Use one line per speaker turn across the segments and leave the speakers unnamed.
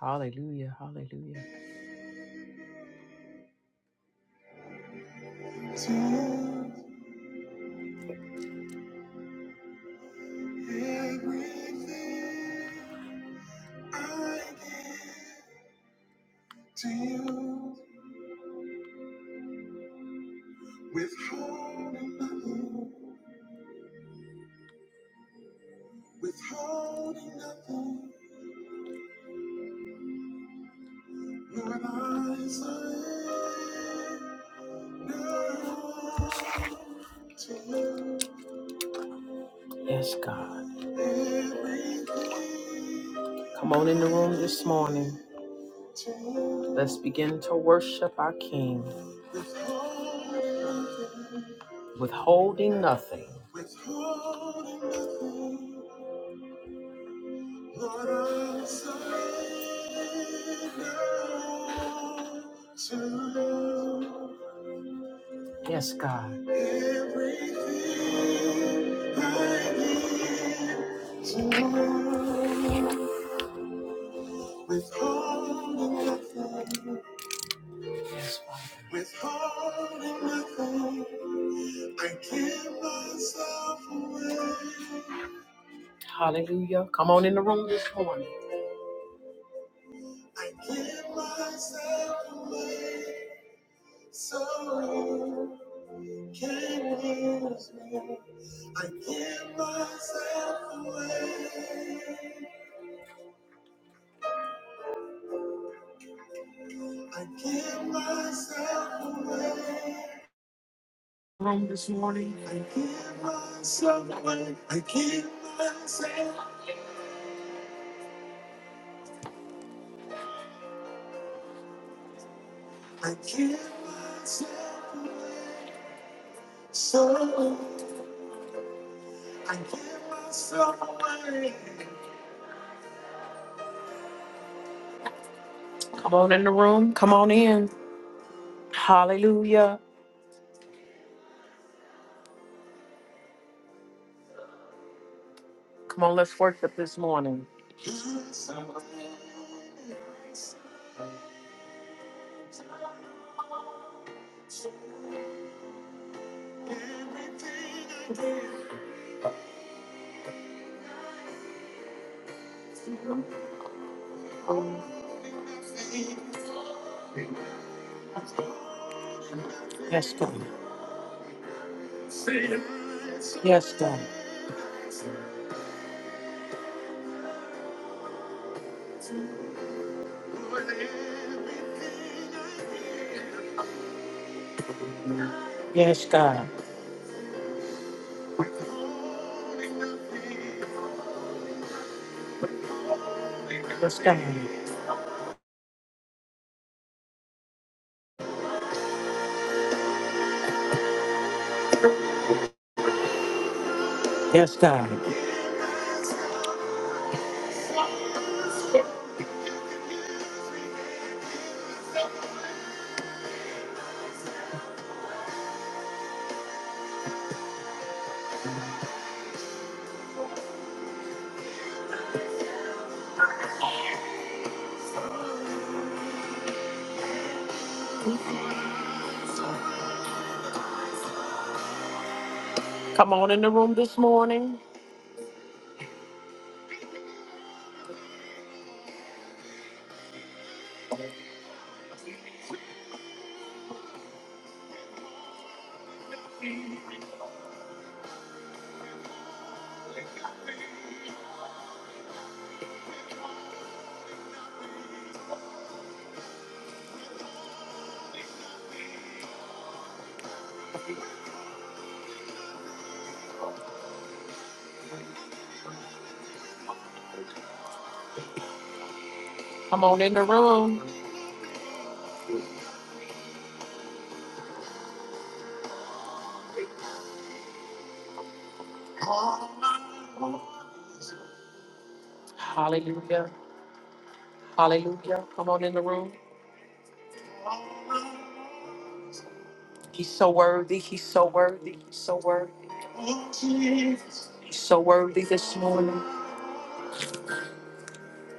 Hallelujah. Hallelujah. To everything I give to you, withholding nothing, withholding nothing. Lord, I surrender to you. Yes, God. Everything Come on in the room this morning. Let's begin to worship our King, withholding nothing. Yes, God. Withholding nothing. With all of I give myself away. Hallelujah. Come on in the room this morning. I give myself away. So you can use me. I give myself away. I give myself away. Room this morning. I give myself away. I give myself I give myself away. So I give myself away. Come on in the room. Come on in. Hallelujah. Come on, let's worship this morning. Yes, I'm ready. Yes, God. Yes, God. Yes, God. Yes, God. Yes, God. Come on in the room this morning. Come on in the room. Hallelujah. Hallelujah. Come on in the room. He's so worthy. He's so worthy. He's so worthy. He's so worthy this morning.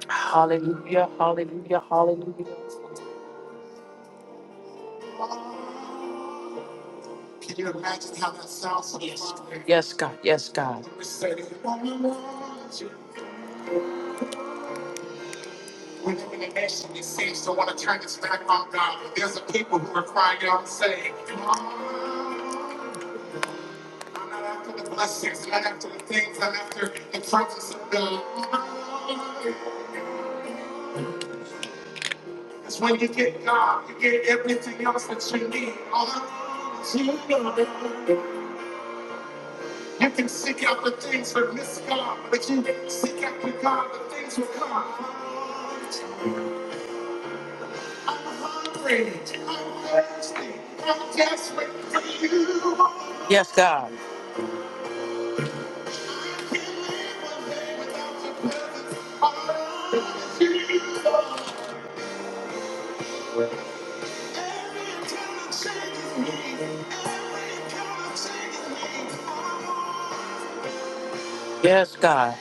Hallelujah. Hallelujah. Hallelujah. Can you imagine how that sounds? Yes, God. Yes, God. When we're in the nation is sick, to want to turn this back on God. There's a people who are crying out and saying, "Oh, I'm not after the blessings, I'm not after the things, I'm after the presence of God. When you get God, you get everything you need. All that you need. You can seek out the things that miss God, but you seek after God, the things will come. I'm Hungry, I'm thirsty, I'm desperate. Yes, God. Yes, God.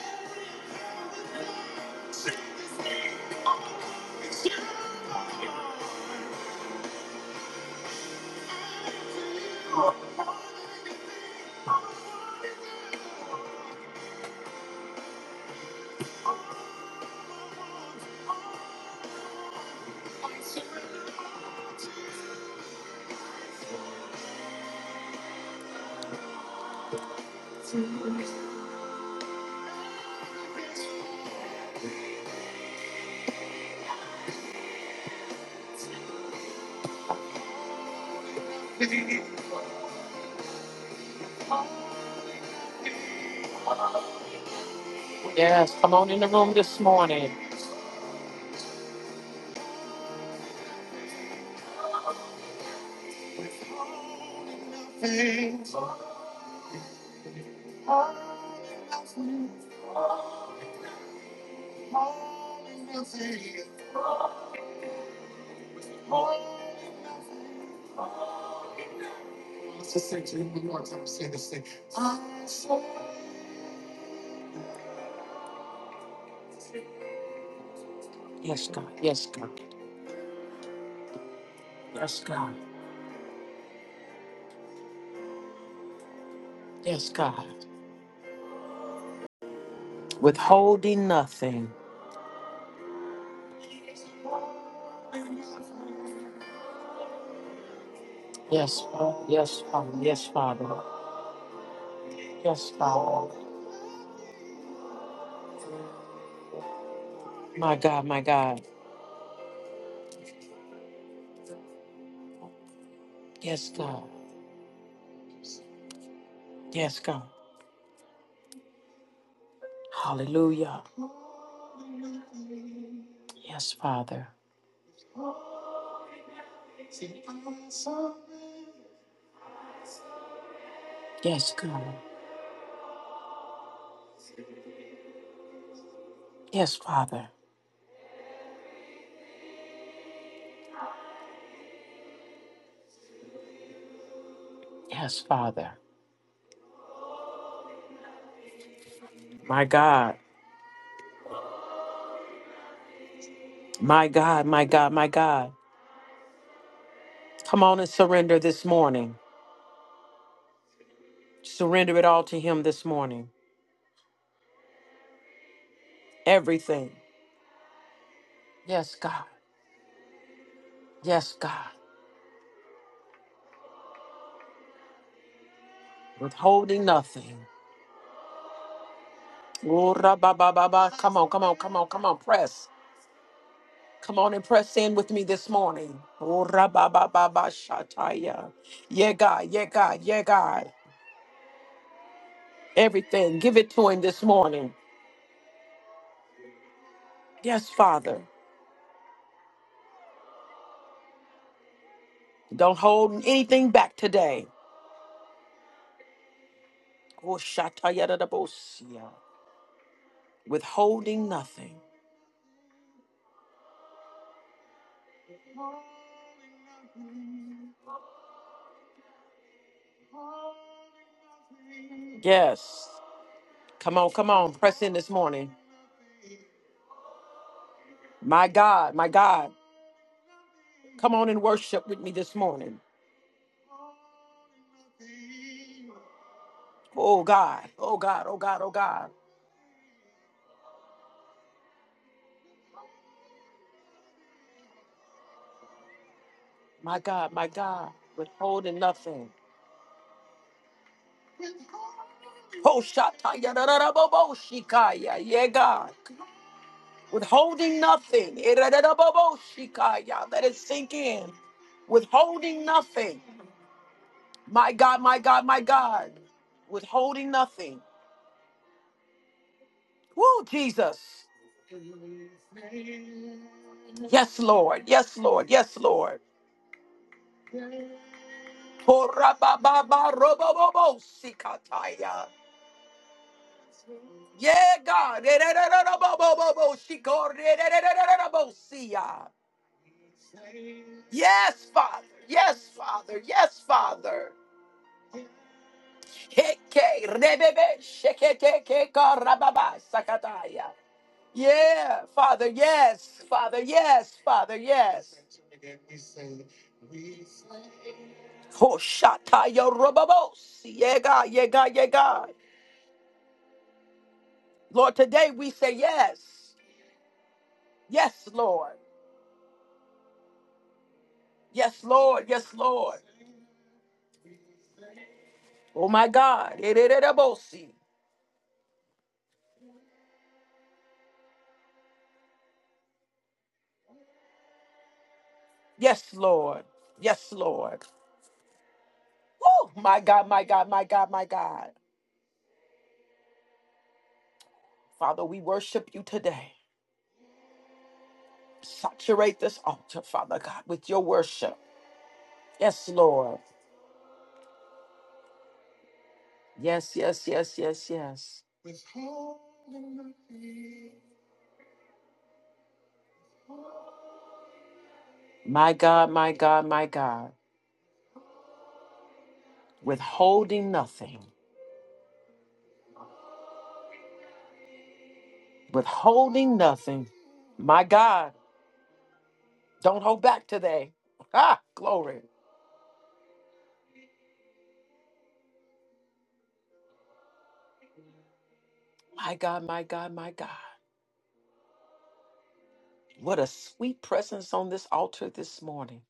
Yes, come on in the room this morning. Yes, God. Yes, God. Yes, God. Yes, God. Withholding nothing. Yes, Father. Yes, Father. Yes, Father. Yes, Father. My God, my God. Yes, God. Yes, God. Hallelujah. Yes, Father. Yes, God. Yes, Father. Yes, Father. My God. My God. My God. My God. Come on and surrender this morning. Surrender it all to Him this morning. Everything. Yes, God. Yes, God. Withholding nothing. Ooh, ra-ba-ba-ba-ba. Come on, come on, come on, come on. Press. Come on and press in with me this morning. Oh, rababababashataya. Yeah, God, yeah, God, yeah, God. Everything, give it to him this morning. Yes, Father. Don't hold anything back today. Oh, shatayadadabosia. Withholding nothing. Yes. Come on, come on. Press in this morning. My God, my God. Come on and worship with me this morning. Oh, God, oh, God, oh, God, oh, God. My God, my God. Withholding nothing. Hoshatayararaboboshikaya. Yeah, God. Withholding nothing. Erararaboboshikaya. Let it sink in. Withholding nothing. My God, my God, my God. Withholding nothing. Woo, Jesus. Yes, Lord. Yes, Lord. Yes, Lord. Horabababarobobobosikataya. Yeah, God. Erararaboboboboshiko- erarararabosia. Yes, Father. Yes, Father. Yes, Father. Heke, rebebe, shekete, keka, sakataya. Yeah, Father, yes, Father, yes, Father, yes. Hoshataya robabos, yega, yega, yega. Lord, today we say yes. Yes, Lord. Yes, Lord. Yes, Lord. Oh, my God. Ererebosi. Yes, Lord. Yes, Lord. Oh, my God, my God, my God, my God. Father, we worship you today. Saturate this altar, Father God, with your worship. Yes, Lord. Yes, yes, yes, yes, yes. My God, my God, my God. Withholding nothing. Withholding nothing. My God, don't hold back today. Ah, glory. My God, my God, my God. What a sweet presence on this altar this morning.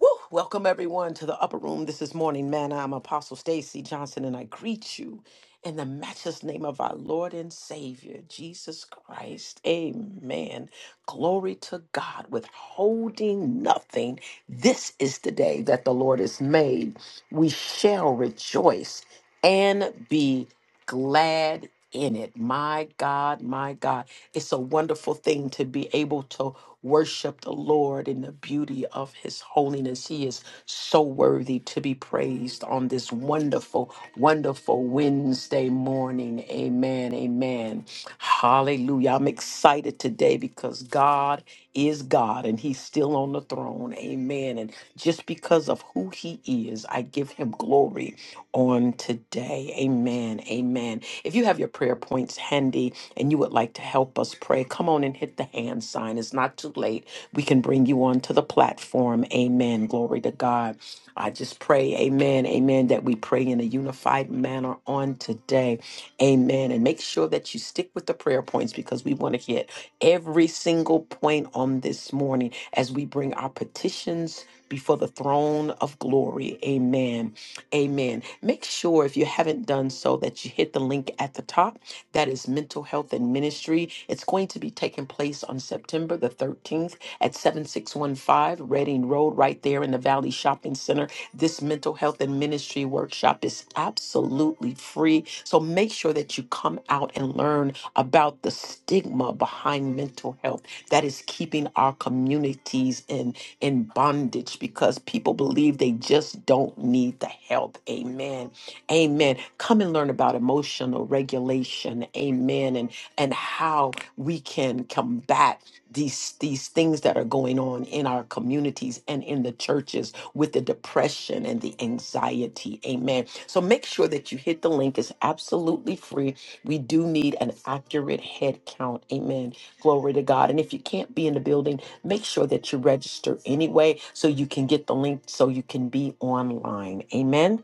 Woo! Welcome everyone to the upper room. This is Morning Manna. I'm Apostle Stacy Johnson, and I greet you in the matchless name of our Lord and Savior, Jesus Christ. Amen. Glory to God, withholding nothing. This is the day that the Lord has made. We shall rejoice and be glad in it. My God, my God. It's a wonderful thing to be able to Worship the Lord in the beauty of his holiness. He is so worthy to be praised on this wonderful, wonderful Wednesday morning. Amen. Amen. Hallelujah. I'm excited today because God is God and he's still on the throne. Amen. And just because of who he is, I give him glory on today. Amen. Amen. If you have your prayer points handy, and you would like to help us pray, come on and hit the hand sign. It's not too late. We can bring you onto the platform. Amen. Glory to God. I just pray, amen, amen, that we pray in a unified manner on today. Amen. And make sure that you stick with the prayer points because we want to hit every single point on this morning as we bring our petitions before the throne of glory. Amen. Amen. Make sure if you haven't done so that you hit the link at the top that is mental health and ministry. It's going to be taking place on September the 13th at 7615 Reading Road, right there in the Valley Shopping Center. This mental health and ministry workshop is absolutely free. So make sure that you come out and learn about the stigma behind mental health that is keeping our communities in, in bondage because people believe they just don't need the help. Amen. Amen. Come and learn about emotional regulation. Amen. And and how we can combat these these things that are going on in our communities and in the churches with the depression and the anxiety. Amen. So make sure that you hit the link. It's absolutely free. We do need an accurate head count. Amen. Glory to God. And if you can't be in the building, make sure that you register anyway so you can get the link so you can be online. Amen.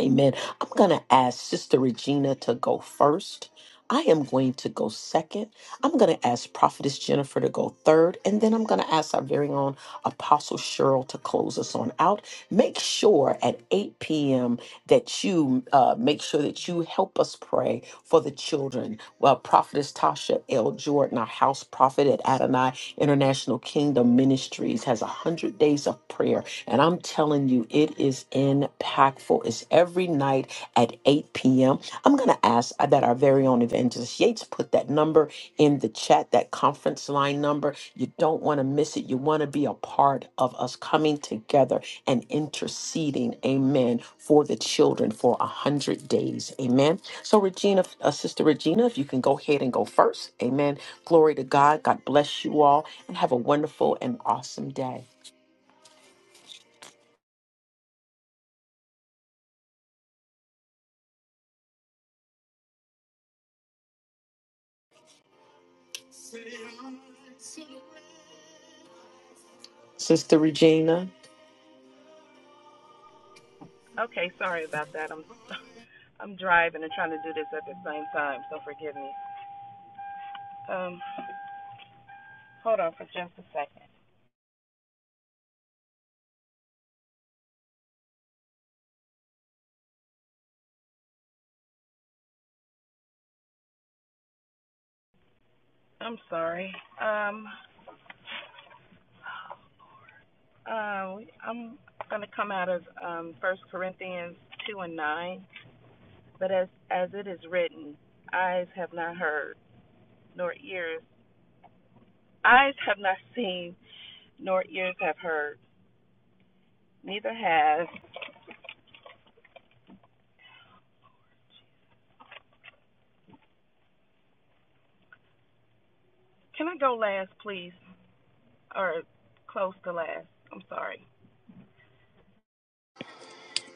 Amen. I'm going to ask Sister Regina to go first. I am going to go second. I'm going to ask Prophetess Jennifer to go third. And then I'm going to ask our very own Apostle Cheryl to close us on out. Make sure at 8 p.m. that you uh, make sure that you help us pray for the children. Well, Prophetess Tasha L. Jordan, our house prophet at Adonai International Kingdom Ministries, has 100 days of prayer and I'm telling you, it is impactful. It's every night at 8 p.m. I'm going to ask that our very own evangelist Yates put that number in the chat, that conference line number. You don't want to miss it. You want to be a part of us coming together and interceding, amen, for the children for 100 days, amen. So, Regina, uh, Sister Regina, if you can go ahead and go first, amen. Glory to God. God bless you all and have a wonderful and awesome day. Sister Regina.
Okay, sorry about that. I'm I'm driving and trying to do this at the same time, so forgive me. Um, hold on for just a second. I'm sorry. Um, uh, I'm going to come out of um, 1 Corinthians 2 and 9. But as, as it is written, eyes have not heard, nor ears. Eyes have not seen, nor ears have heard, neither has. Can I go last, please? Or close to last? I'm sorry.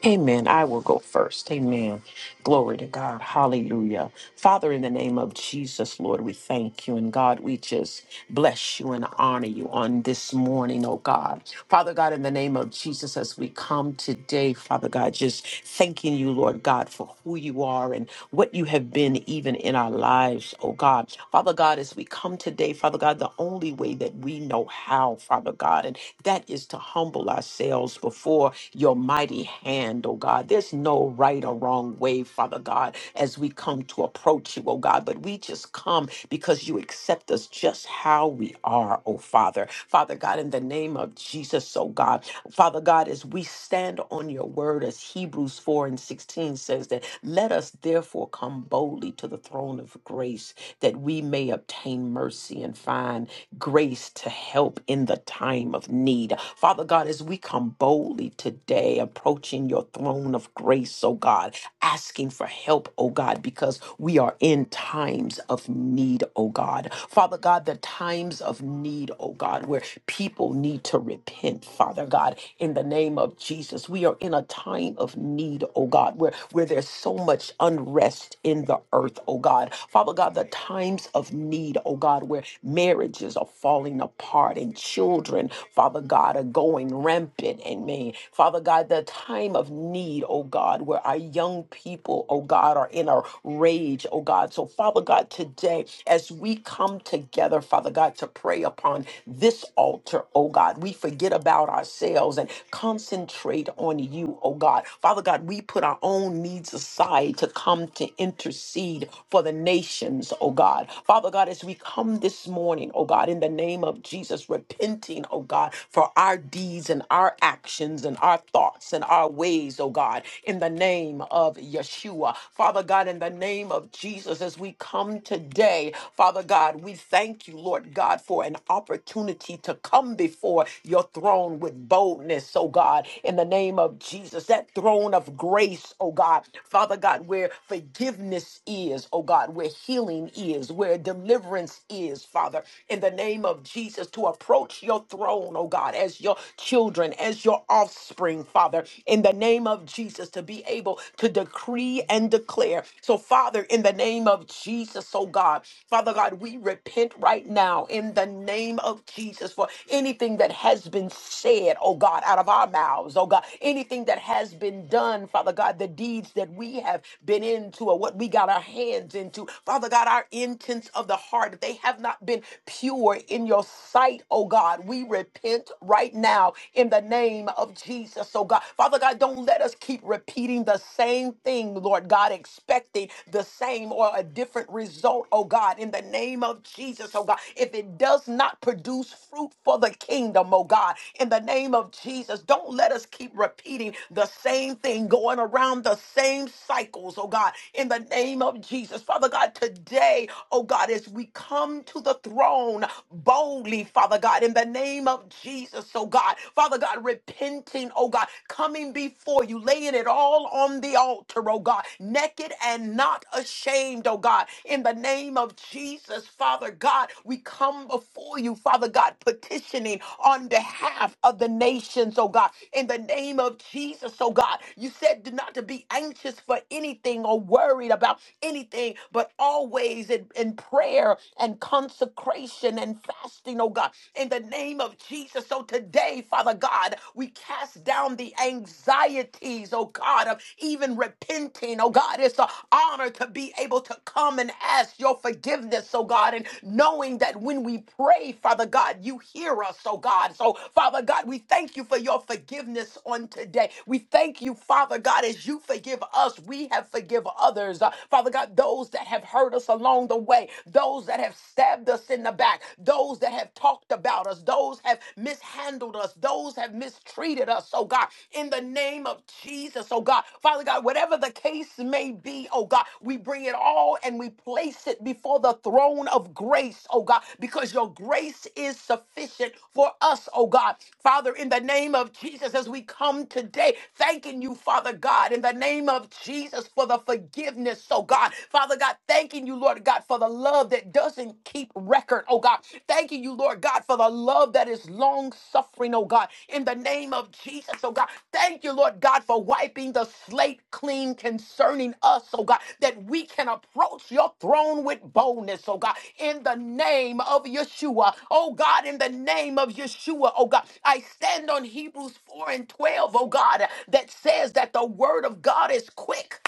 Amen. I will go first. Amen. Glory to God. Hallelujah. Father, in the name of Jesus, Lord, we thank you. And God, we just bless you and honor you on this morning, oh God. Father God, in the name of Jesus, as we come today, Father God, just thanking you, Lord God, for who you are and what you have been even in our lives, oh God. Father God, as we come today, Father God, the only way that we know how, Father God, and that is to humble ourselves before your mighty hand, oh God. There's no right or wrong way, Father God, as we come to approach you, oh God, but we just come because you accept us just how we are, oh Father. Father God, in the name of Jesus, oh God, Father God, as we stand on your word, as Hebrews 4 and 16 says that, let us therefore come boldly to the throne of grace that we may obtain mercy and find grace to help in the time of need. Father God, as we come come boldly today, approaching your throne of grace, oh God, asking for help, oh God, because we are in times of need, oh God. Father God, the times of need, oh God, where people need to repent, Father God, in the name of Jesus. We are in a time of need, oh God, where, where there's so much unrest in the earth, oh God. Father God, the times of need, oh God, where marriages are falling apart and children, Father God. God, are going rampant. in me, Father God, the time of need, oh God, where our young people, oh God, are in a rage, oh God. So, Father God, today, as we come together, Father God, to pray upon this altar, oh God, we forget about ourselves and concentrate on you, oh God. Father God, we put our own needs aside to come to intercede for the nations, oh God. Father God, as we come this morning, oh God, in the name of Jesus, repenting repenting, oh God, for our deeds and our actions and our thoughts and our ways, oh God, in the name of Yeshua. Father God, in the name of Jesus, as we come today, Father God, we thank you, Lord God, for an opportunity to come before your throne with boldness, oh God, in the name of Jesus, that throne of grace, oh God, Father God, where forgiveness is, oh God, where healing is, where deliverance is, Father, in the name of Jesus. Jesus, to approach your throne, oh God, as your children, as your offspring, Father, in the name of Jesus, to be able to decree and declare. So, Father, in the name of Jesus, oh God, Father God, we repent right now in the name of Jesus for anything that has been said, oh God, out of our mouths, oh God, anything that has been done, Father God, the deeds that we have been into or what we got our hands into, Father God, our intents of the heart, they have not been pure in your sight, oh God. We repent right now in the name of Jesus, oh God. Father God, don't let us keep repeating the same thing, Lord God, expecting the same or a different result, oh God, in the name of Jesus, oh God. If it does not produce fruit for the kingdom, oh God, in the name of Jesus, don't let us keep repeating the same thing, going around the same cycles, oh God, in the name of Jesus. Father God, today, oh God, as we come to the throne boldly, Father God, in the name of Jesus, oh God. Father God, repenting, oh God, coming before you, laying it all on the altar, oh God, naked and not ashamed, oh God. In the name of Jesus, Father God, we come before you, Father God, petitioning on behalf of the nations, oh God. In the name of Jesus, oh God, you said not to be anxious for anything or worried about anything, but always it in prayer and consecration and fasting, oh God, in the name of Jesus. So today, Father God, we cast down the anxieties, oh God, of even repenting, oh God. It's an honor to be able to come and ask your forgiveness, oh God, and knowing that when we pray, Father God, you hear us, oh God. So, Father God, we thank you for your forgiveness on today. We thank you, Father God, as you forgive us, we have forgive others. Uh, Father God, those those that have hurt us along the way, those that have stabbed us in the back, those that have talked about us, those have mishandled us, those have mistreated us, oh God, in the name of Jesus, oh God. Father God, whatever the case may be, oh God, we bring it all and we place it before the throne of grace, oh God, because your grace is sufficient for us, oh God. Father, in the name of Jesus, as we come today, thanking you, Father God, in the name of Jesus for the forgiveness forgiveness, oh God. Father God, thanking you, Lord God, for the love that doesn't keep record, oh God. Thanking you, Lord God, for the love that is long suffering, oh God. In the name of Jesus, oh God. Thank you, Lord God, for wiping the slate clean concerning us, oh God, that we can approach your throne with boldness, oh God. In the name of Yeshua, oh God, in the name of Yeshua, oh God. I stand on Hebrews 4 and 12, oh God, that says that the word of God is quick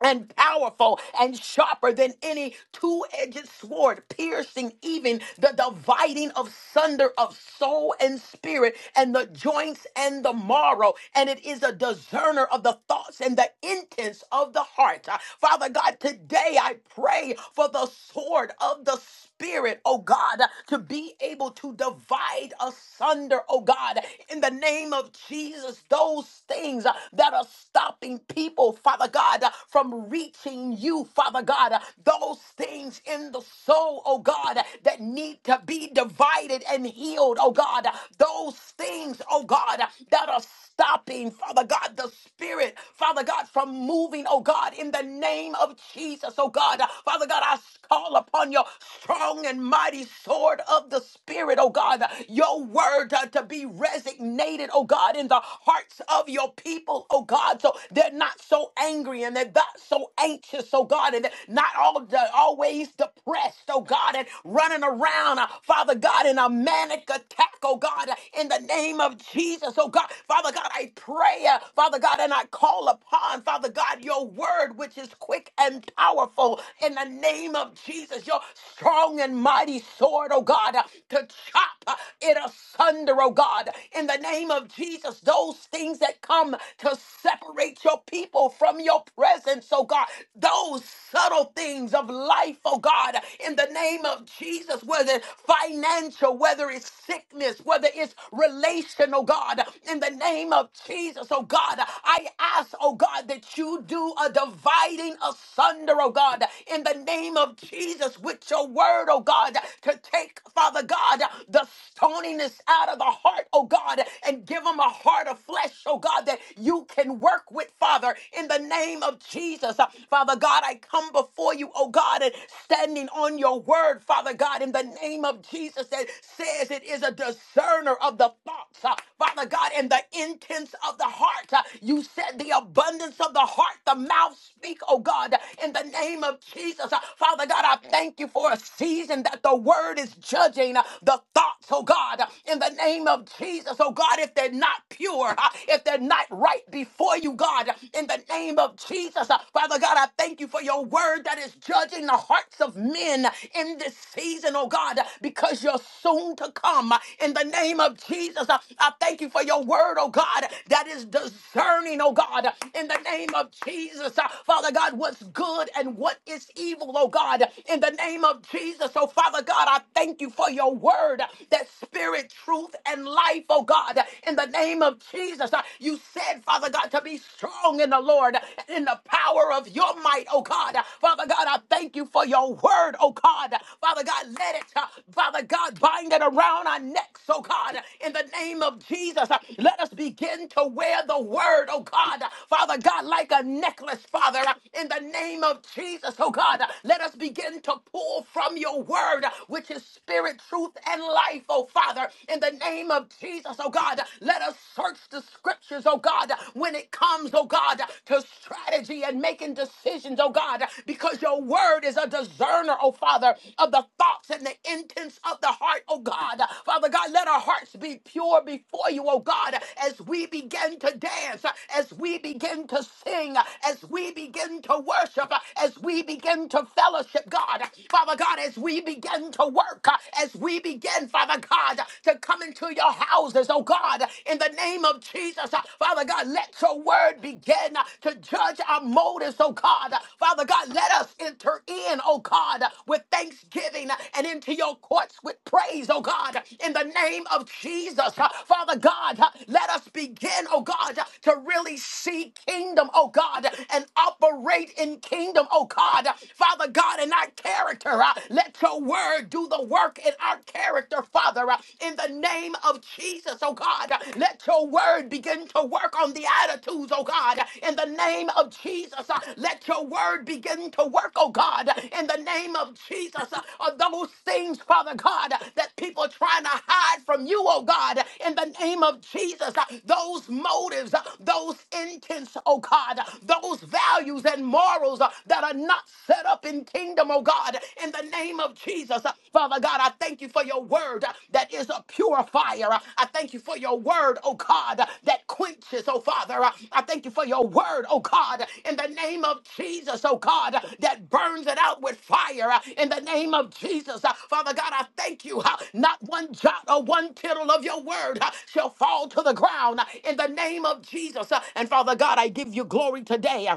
and powerful and sharper than any two-edged sword, piercing even the dividing of sunder of soul and spirit and the joints and the marrow. And it is a discerner of the thoughts and the intents of the heart. Uh, Father God, today I pray for the sword of the Spirit, oh God, uh, to be able to divide asunder, oh God, in the name of Jesus, those things uh, that are stopping people people, Father God, uh, from reaching you, Father God. uh, Those things in the soul, oh God, uh, that need to be divided and healed, oh God. uh, Those things, oh God, uh, that are stopping, Father God, the Spirit, Father God, from moving, oh God, in the name of Jesus, oh God. Uh, Father God, I call upon your strong and mighty sword of the Spirit, oh God. uh, Your word uh, to be resignated, oh God, in the hearts of your people, careful, oh God, so they're not so angry and they're not so anxious, oh God, and they're not all always depressed, oh God, and running around, uh, Father God, in a manic attack, oh God, uh, in the name of Jesus, oh God. Father God, I pray, uh, Father God, and I call upon, Father God, your word, which is quick and powerful, in the name of Jesus, your strong and mighty sword, oh God, uh, to chop uh, it asunder, oh God, in the name of Jesus, those those things that come to separate your people from your presence, oh God. Those subtle things of life, oh God, in the name of Jesus, whether it's financial, whether it's sickness, whether it's relational, God, in the name of Jesus, oh God, I ask, oh God, that you do a dividing asunder, oh God, in the name of Jesus, with your word, oh God, to take, Father God, the stoniness out of the heart, oh God, and give them a heart of flesh, oh God, that you can work with, Father, in the name of Jesus. Uh, Father God, I come before you, oh God, and standing on your word, Father God, in the name of Jesus that says it is a discerner of the thoughts, uh, Father God, and the intents of the heart. Uh, You said the abundance of the heart, the mouth speak, oh God, in the name of Jesus. Uh, Father God, I thank you for a season that the word is judging uh, the thoughts, oh God, in in the name of Jesus. Oh God, if they're not pure, uh, if they're not right before you, God, in the name of Jesus. Uh, Father God, I thank you for your word that is judging the hearts of men in this season, oh God, because you're soon to come. Uh, In the name of Jesus, uh, I thank you for your word, oh God, that is discerning, oh God, in the name of Jesus. Uh, Father God, what's good and what is evil, oh God, in the name of Jesus. Oh Father God, I thank you for your word word that spirit, truth, and life, oh God, in the name of Jesus. uh, You said, Father God, to be strong in the Lord and in the power of your might, oh God. Father God, I thank you for your word, oh God. Father God, let it, uh, Father God, bind it around our necks, oh God, in the name of Jesus. Uh, Let us begin to wear the word, oh God. Father God, like a necklace, Father, uh, in the name of Jesus, oh God. Let us begin to pull from your word, which which is spirit, truth, and life, oh Father. In the name of Jesus, oh God, let us search the scriptures, oh God, when it comes, oh God, to strategy and making decisions, oh God, because your word is a discerner, oh Father, of the thoughts and the intents of the heart, oh God. Father God, let our hearts be pure before you, oh God, as we begin to dance, as we begin to sing, as we begin to worship, as we begin to fellowship, God. Father Father God, as we begin to work, uh, as we begin, Father God, uh, to come into your houses, oh God, uh, in the name of Jesus, uh, Father God, let your word begin uh, to judge our motives, oh God. Uh, Father God, let us enter in, oh God, uh, with thanksgiving uh, and into your courts with praise, oh God, uh, in the name of Jesus. Uh, Father God, uh, let us begin, oh God, uh, to really see kingdom, oh God, uh, and operate in kingdom, oh God. Uh, Father Father God, in our character. uh, Let your word do the work in our character, Father, uh, in the name of Jesus, oh God. uh, Let your word begin to work on the attitudes, oh God, uh, in the name of Jesus. uh, Let your word begin to work, oh God, uh, in the name of Jesus, uh, of those things, Father God, uh, that people are trying to hide from you, oh God, uh, in the name of Jesus. uh, Those motives, uh, those intents, oh God, uh, those values and morals, uh, that are not set up in kingdom, oh God, in the name of Jesus. Father God, I thank you for your word that is a purifier. I thank you for your word, oh God, that quenches, oh Father. I thank you for your word, oh God, in the name of Jesus, oh God, that burns it out with fire in the name of Jesus. Father God, I thank you. huh, Not one jot or one tittle of your word huh, shall fall to the ground in the name of Jesus. And Father God, I give you glory today.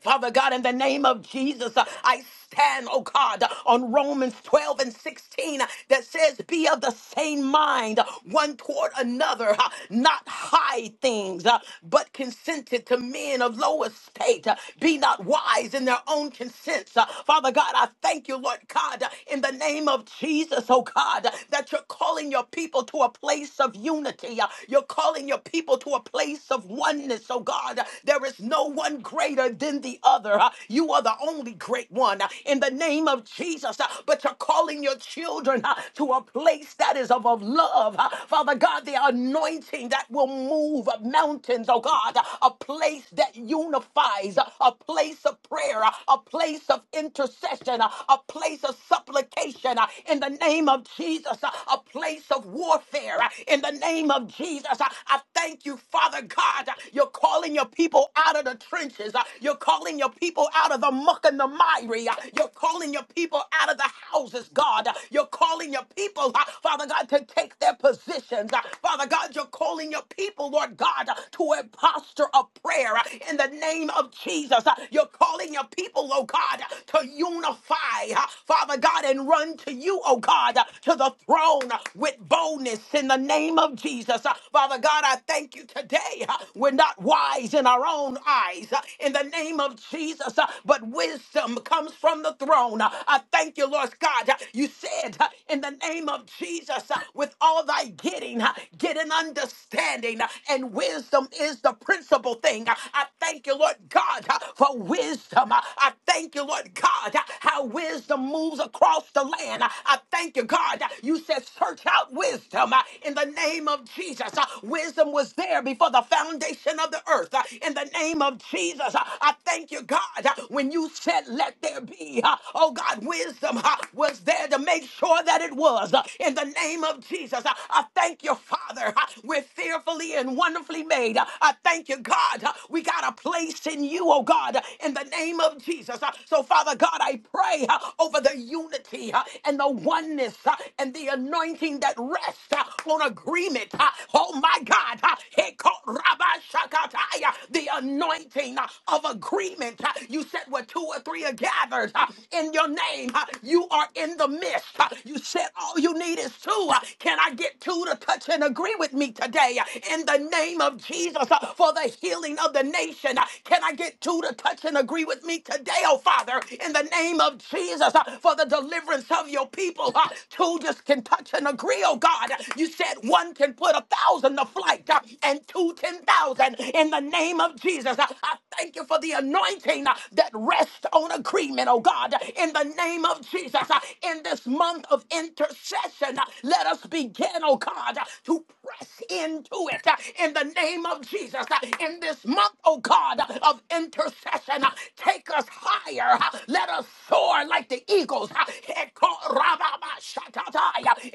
Father God, in the name of Jesus, uh, I stand, oh God, uh, on Romans 12 and 16 uh, that says, Be of the same mind, uh, one toward another, uh, not high things, uh, but consented to men of low estate. uh, Be not wise in their own consents. Uh, Father God, I thank you, Lord God, uh, in the name of Jesus, oh God, uh, that you're calling your people to a place of unity. uh, You're calling your people to a place of oneness, oh God. Uh, There is no one greater greater than the other. Uh, You are the only great one uh, in the name of Jesus. uh, But you're calling your children uh, to a place that is of, of love. uh, Father God, the anointing that will move uh, mountains, oh God, uh, a place that unifies, uh, a place of prayer, uh, a place of intercession, uh, a place of supplication uh, in the name of Jesus, uh, a place of warfare uh, in the name of Jesus. Uh, I thank you, Father God. uh, You're calling your people out of the trenches trenches. Uh, You're calling your people out of the muck and the miry. Uh, You're calling your people out of the houses, God. Uh, You're calling your people, uh, Father God, to take their positions. Uh, Father God, you're calling your people, Lord God, uh, to a posture of prayer uh, in the name of Jesus. Uh, You're calling your people, oh God, uh, to unify, uh, Father God, and run to you, oh God, uh, to the throne uh, with boldness in the name of Jesus. Uh, Father God, I thank you today. uh, We're not wise in our own eyes eyes uh, in the name of Jesus. uh, But wisdom comes from the throne. Uh, I thank you, Lord God. uh, You said uh, in the name of Jesus, uh, with all thy getting, uh, get an understanding, uh, and wisdom is the principal thing. Uh, I thank you, Lord God, uh, for wisdom. Uh, I thank you, Lord God, uh, how wisdom moves across the land. Uh, I thank you, God. uh, You said, search out wisdom uh, in the name of Jesus. Uh, Wisdom was there before the foundation of the earth. Uh, In the the name of Jesus. Uh, I thank you, God, uh, when you said, Let there be. uh, Oh, God, wisdom uh, was there to make sure that it was. Uh, In the name of Jesus, uh, I thank you, Father. uh, We're fearfully and wonderfully made. Uh, I thank you, God. uh, We got a place in you, oh, God, uh, in the name of Jesus. Uh, So, Father God, I pray uh, over the unity uh, and the oneness uh, and the anointing that rests uh, on agreement. uh, Oh, my God. uh, Heko Rabba uh, the anointing uh, of agreement. uh, You said where two or three are gathered uh, in your name, uh, you are in the midst. uh, You said all you need is two. uh, Can I get two to touch and agree with me today uh, in the name of Jesus uh, for the healing of the nation? uh, Can I get two to touch and agree with me today, oh Father, in the name of Jesus uh, for the deliverance of your people? uh, Two just can touch and agree, oh God. You said one can put a thousand to flight uh, and two ten thousand in the name of Jesus. I, I thank you for the anointing uh, that rests on agreement, oh God, in the name of Jesus. Uh, In this month of intercession, uh, let us begin, oh God, uh, to press into it uh, in the name of Jesus. Uh, In this month, oh God, uh, of intercession, uh, take us higher. uh, Let us soar like the eagles. uh,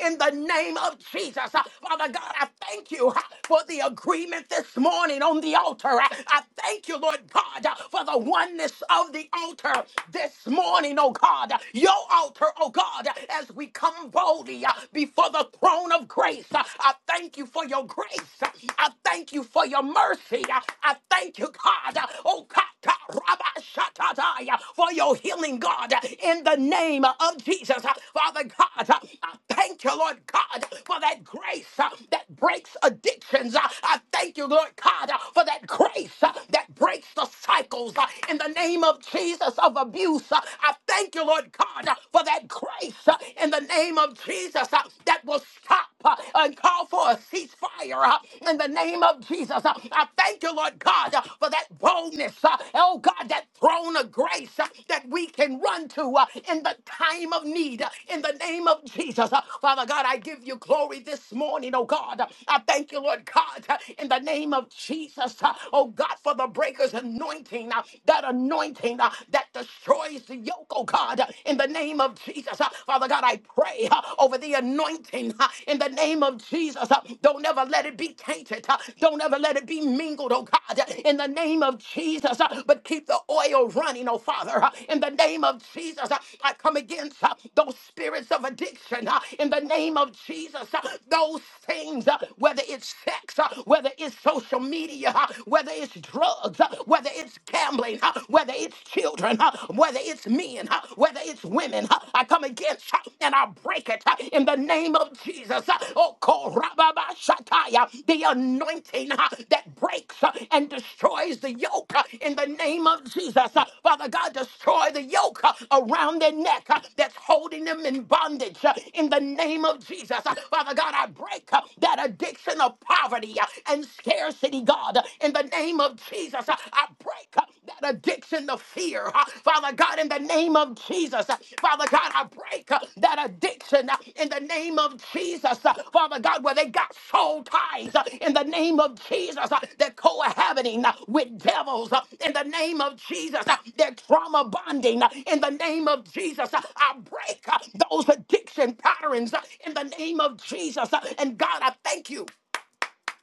In the name of Jesus. Uh, Father God, I thank you uh, for the agreement this morning morning on the altar. I, I thank you, Lord God, uh, for the oneness of the altar this morning, oh God. Your altar, oh God, as we come boldly uh, before the throne of grace. Uh, I thank you for your grace. Uh, I thank you for your mercy. Uh, I thank you, God. Uh, Oh God, God, Rabbi Shattatai, uh, for your healing, God, uh, in the name of Jesus. Uh, Father God, uh, I thank you, Lord God, for that grace uh, that breaks addictions. Uh, I thank you, Lord you, Lord God, uh, for that grace uh, that breaks the cycles uh, in the name of Jesus of abuse. Uh, I thank you, Lord God, uh, for that grace uh, in the name of Jesus uh, that will stop uh, and call for a ceasefire uh, in the name of Jesus. Uh, I thank you, Lord God, uh, for that boldness. uh, Oh God, that throne of grace uh, that we can run to uh, in the time of need uh, in the name of Jesus. Uh, Father God, I give you glory this morning, oh God. I thank you, Lord God, uh, in the name of Jesus. Uh, Oh God, for the breaker's anointing, uh, that anointing uh, that destroys the yoke, oh God, uh, in the name of Jesus. Uh, Father God, I pray uh, over the anointing uh, in the name of Jesus. Uh, Don't ever let it be tainted. uh, Don't ever let it be mingled, oh God, uh, in the name of Jesus. Uh, But keep the oil running, oh Father, uh, in the name of Jesus. Uh, I come against uh, those spirits of addiction uh, in the name of Jesus. Uh, Those things, uh, whether it's sex, sex, uh, whether it's social media, uh, whether it's drugs, uh, whether it's gambling, uh, whether it's children, uh, whether it's men, uh, whether it's women, uh, I come against uh, and I break it uh, in the name of Jesus. uh, Oh, Korababashataya, the anointing uh, that breaks uh, and destroys the yoke uh, in the name of Jesus. uh, Father God, destroy the yoke uh, around their neck uh, that's holding them in bondage uh, in the name of Jesus. uh, Father God, I break uh, that addiction apart poverty uh, and scarcity, God. Uh, In the name of Jesus, uh, I break uh, that addiction to fear. uh, Father God, in the name of Jesus, uh, Father God, I break uh, that addiction uh, in the name of Jesus, uh, Father God, where they got soul ties uh, in the name of Jesus. uh, They're cohabiting uh, with devils uh, in the name of Jesus. uh, They're trauma bonding uh, in the name of Jesus. uh, I break uh, those addiction patterns uh, in the name of Jesus. uh, And God, I thank you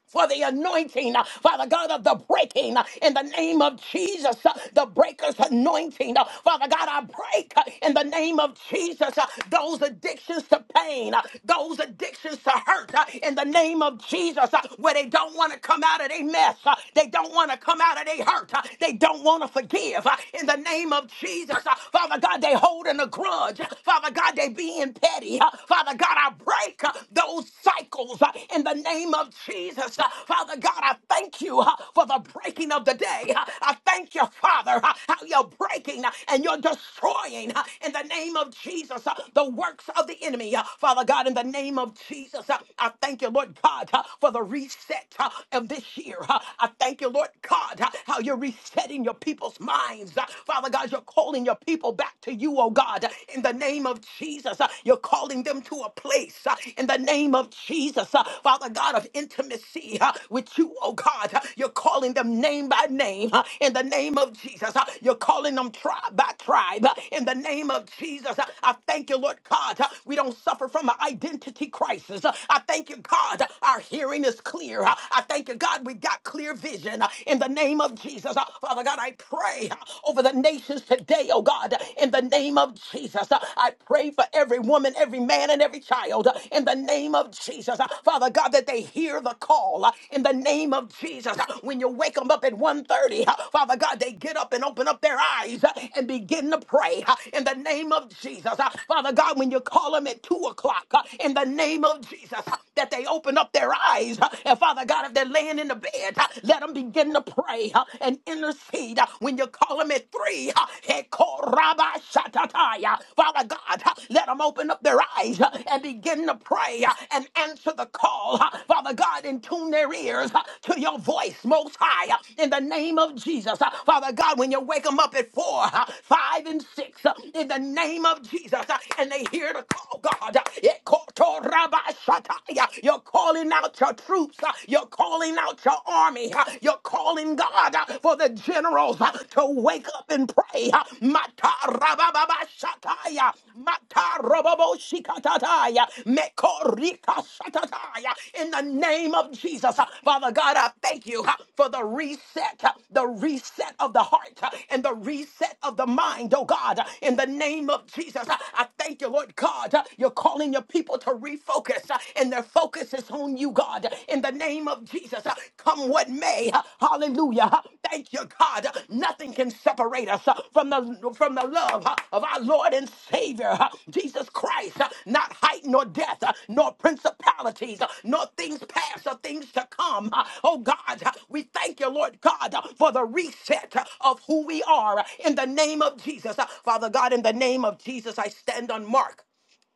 for the anointing, uh, Father God, of the breaking uh, in the name of Jesus, uh, the breaker's anointing. Uh, Father God, I break uh, in the name of Jesus uh, those addictions to pain, uh, those addictions to hurt uh, in the name of Jesus, uh, where they don't want to come out of their mess, uh, they don't want to come out of their hurt, uh, they don't want to forgive uh, in the name of Jesus. uh, Father God, they holding a grudge. Father God, they being petty. uh, Father God, I break. uh, those cycles uh, in the name of Jesus. Uh, Father God, I thank you uh, for the breaking of the day. Uh, I thank you, Father, uh, how you're breaking uh, and you're destroying uh, in the name of Jesus uh, the works of the enemy. Uh, Father God, in the name of Jesus, uh, I thank you, Lord God, uh, for the reset uh, of this year. Uh, I thank you, Lord God, uh, how you're resetting your people's minds. Uh, Father God, you're calling your people back to you, oh God, in the name of Jesus. Uh, You're calling them to a place uh, in the name of Jesus, uh, Father God of intimacy uh, with you, oh God. Uh, You're calling them name by name uh, in the name of Jesus. Uh, You're calling them tribe by tribe uh, in the name of Jesus. Uh, I thank you, Lord God. Uh, We don't suffer from an identity crisis. Uh, I thank you, God. uh, Our hearing is clear. Uh, I thank you, God. We got clear vision uh, in the name of Jesus. Uh, Father God, I pray uh, over the nations today today, oh God, in the name of Jesus. I pray for every woman, every man, and every child in the name of Jesus. Father God, that they hear the call in the name of Jesus. When you wake them up at one thirty, Father God, they get up and open up their eyes and begin to pray in the name of Jesus. Father God, when you call them at 2 o'clock in the name of Jesus, that they open up their eyes. And Father God, if they're laying in the bed, let them begin to pray and intercede uh, when you call them at three. uh, Hekorabashatataya. Father God, uh, let them open up their eyes uh, and begin to pray uh, and answer the call. uh, Father God, and tune their ears uh, to your voice, most high, uh, in the name of Jesus. Uh, Father God, when you wake them up at four, uh, five, and six, uh, in the name of Jesus, uh, and they hear the call, God, uh, Ekotorabashataya. you're calling out your troops, uh, you're calling calling out your army. uh, You're calling God uh, for the generals uh, to wake up and pray. uh, Matarababashataya, Matarababoshikatataya, Mekorikashatataya. In the name of Jesus, uh, Father God, I thank you uh, for the reset, uh, the reset of the heart uh, and the reset of the mind, oh God. uh, In the name of Jesus, uh, I thank you, Lord God. uh, You're calling your people to refocus uh, in and their focus is on you, God, in the name of Jesus. Uh, Come what may, uh, hallelujah. Uh, Thank you, God. Uh, Nothing can separate us uh, from the, from the love uh, of our Lord and Savior, uh, Jesus Christ. Uh, Not height nor death, uh, nor principalities, uh, nor things past or things to come. Uh, Oh, God, uh, we thank you, Lord God, uh, for the reset uh, of who we are uh, in the name of Jesus. Uh, Father God, in the name of Jesus, I stand on Mark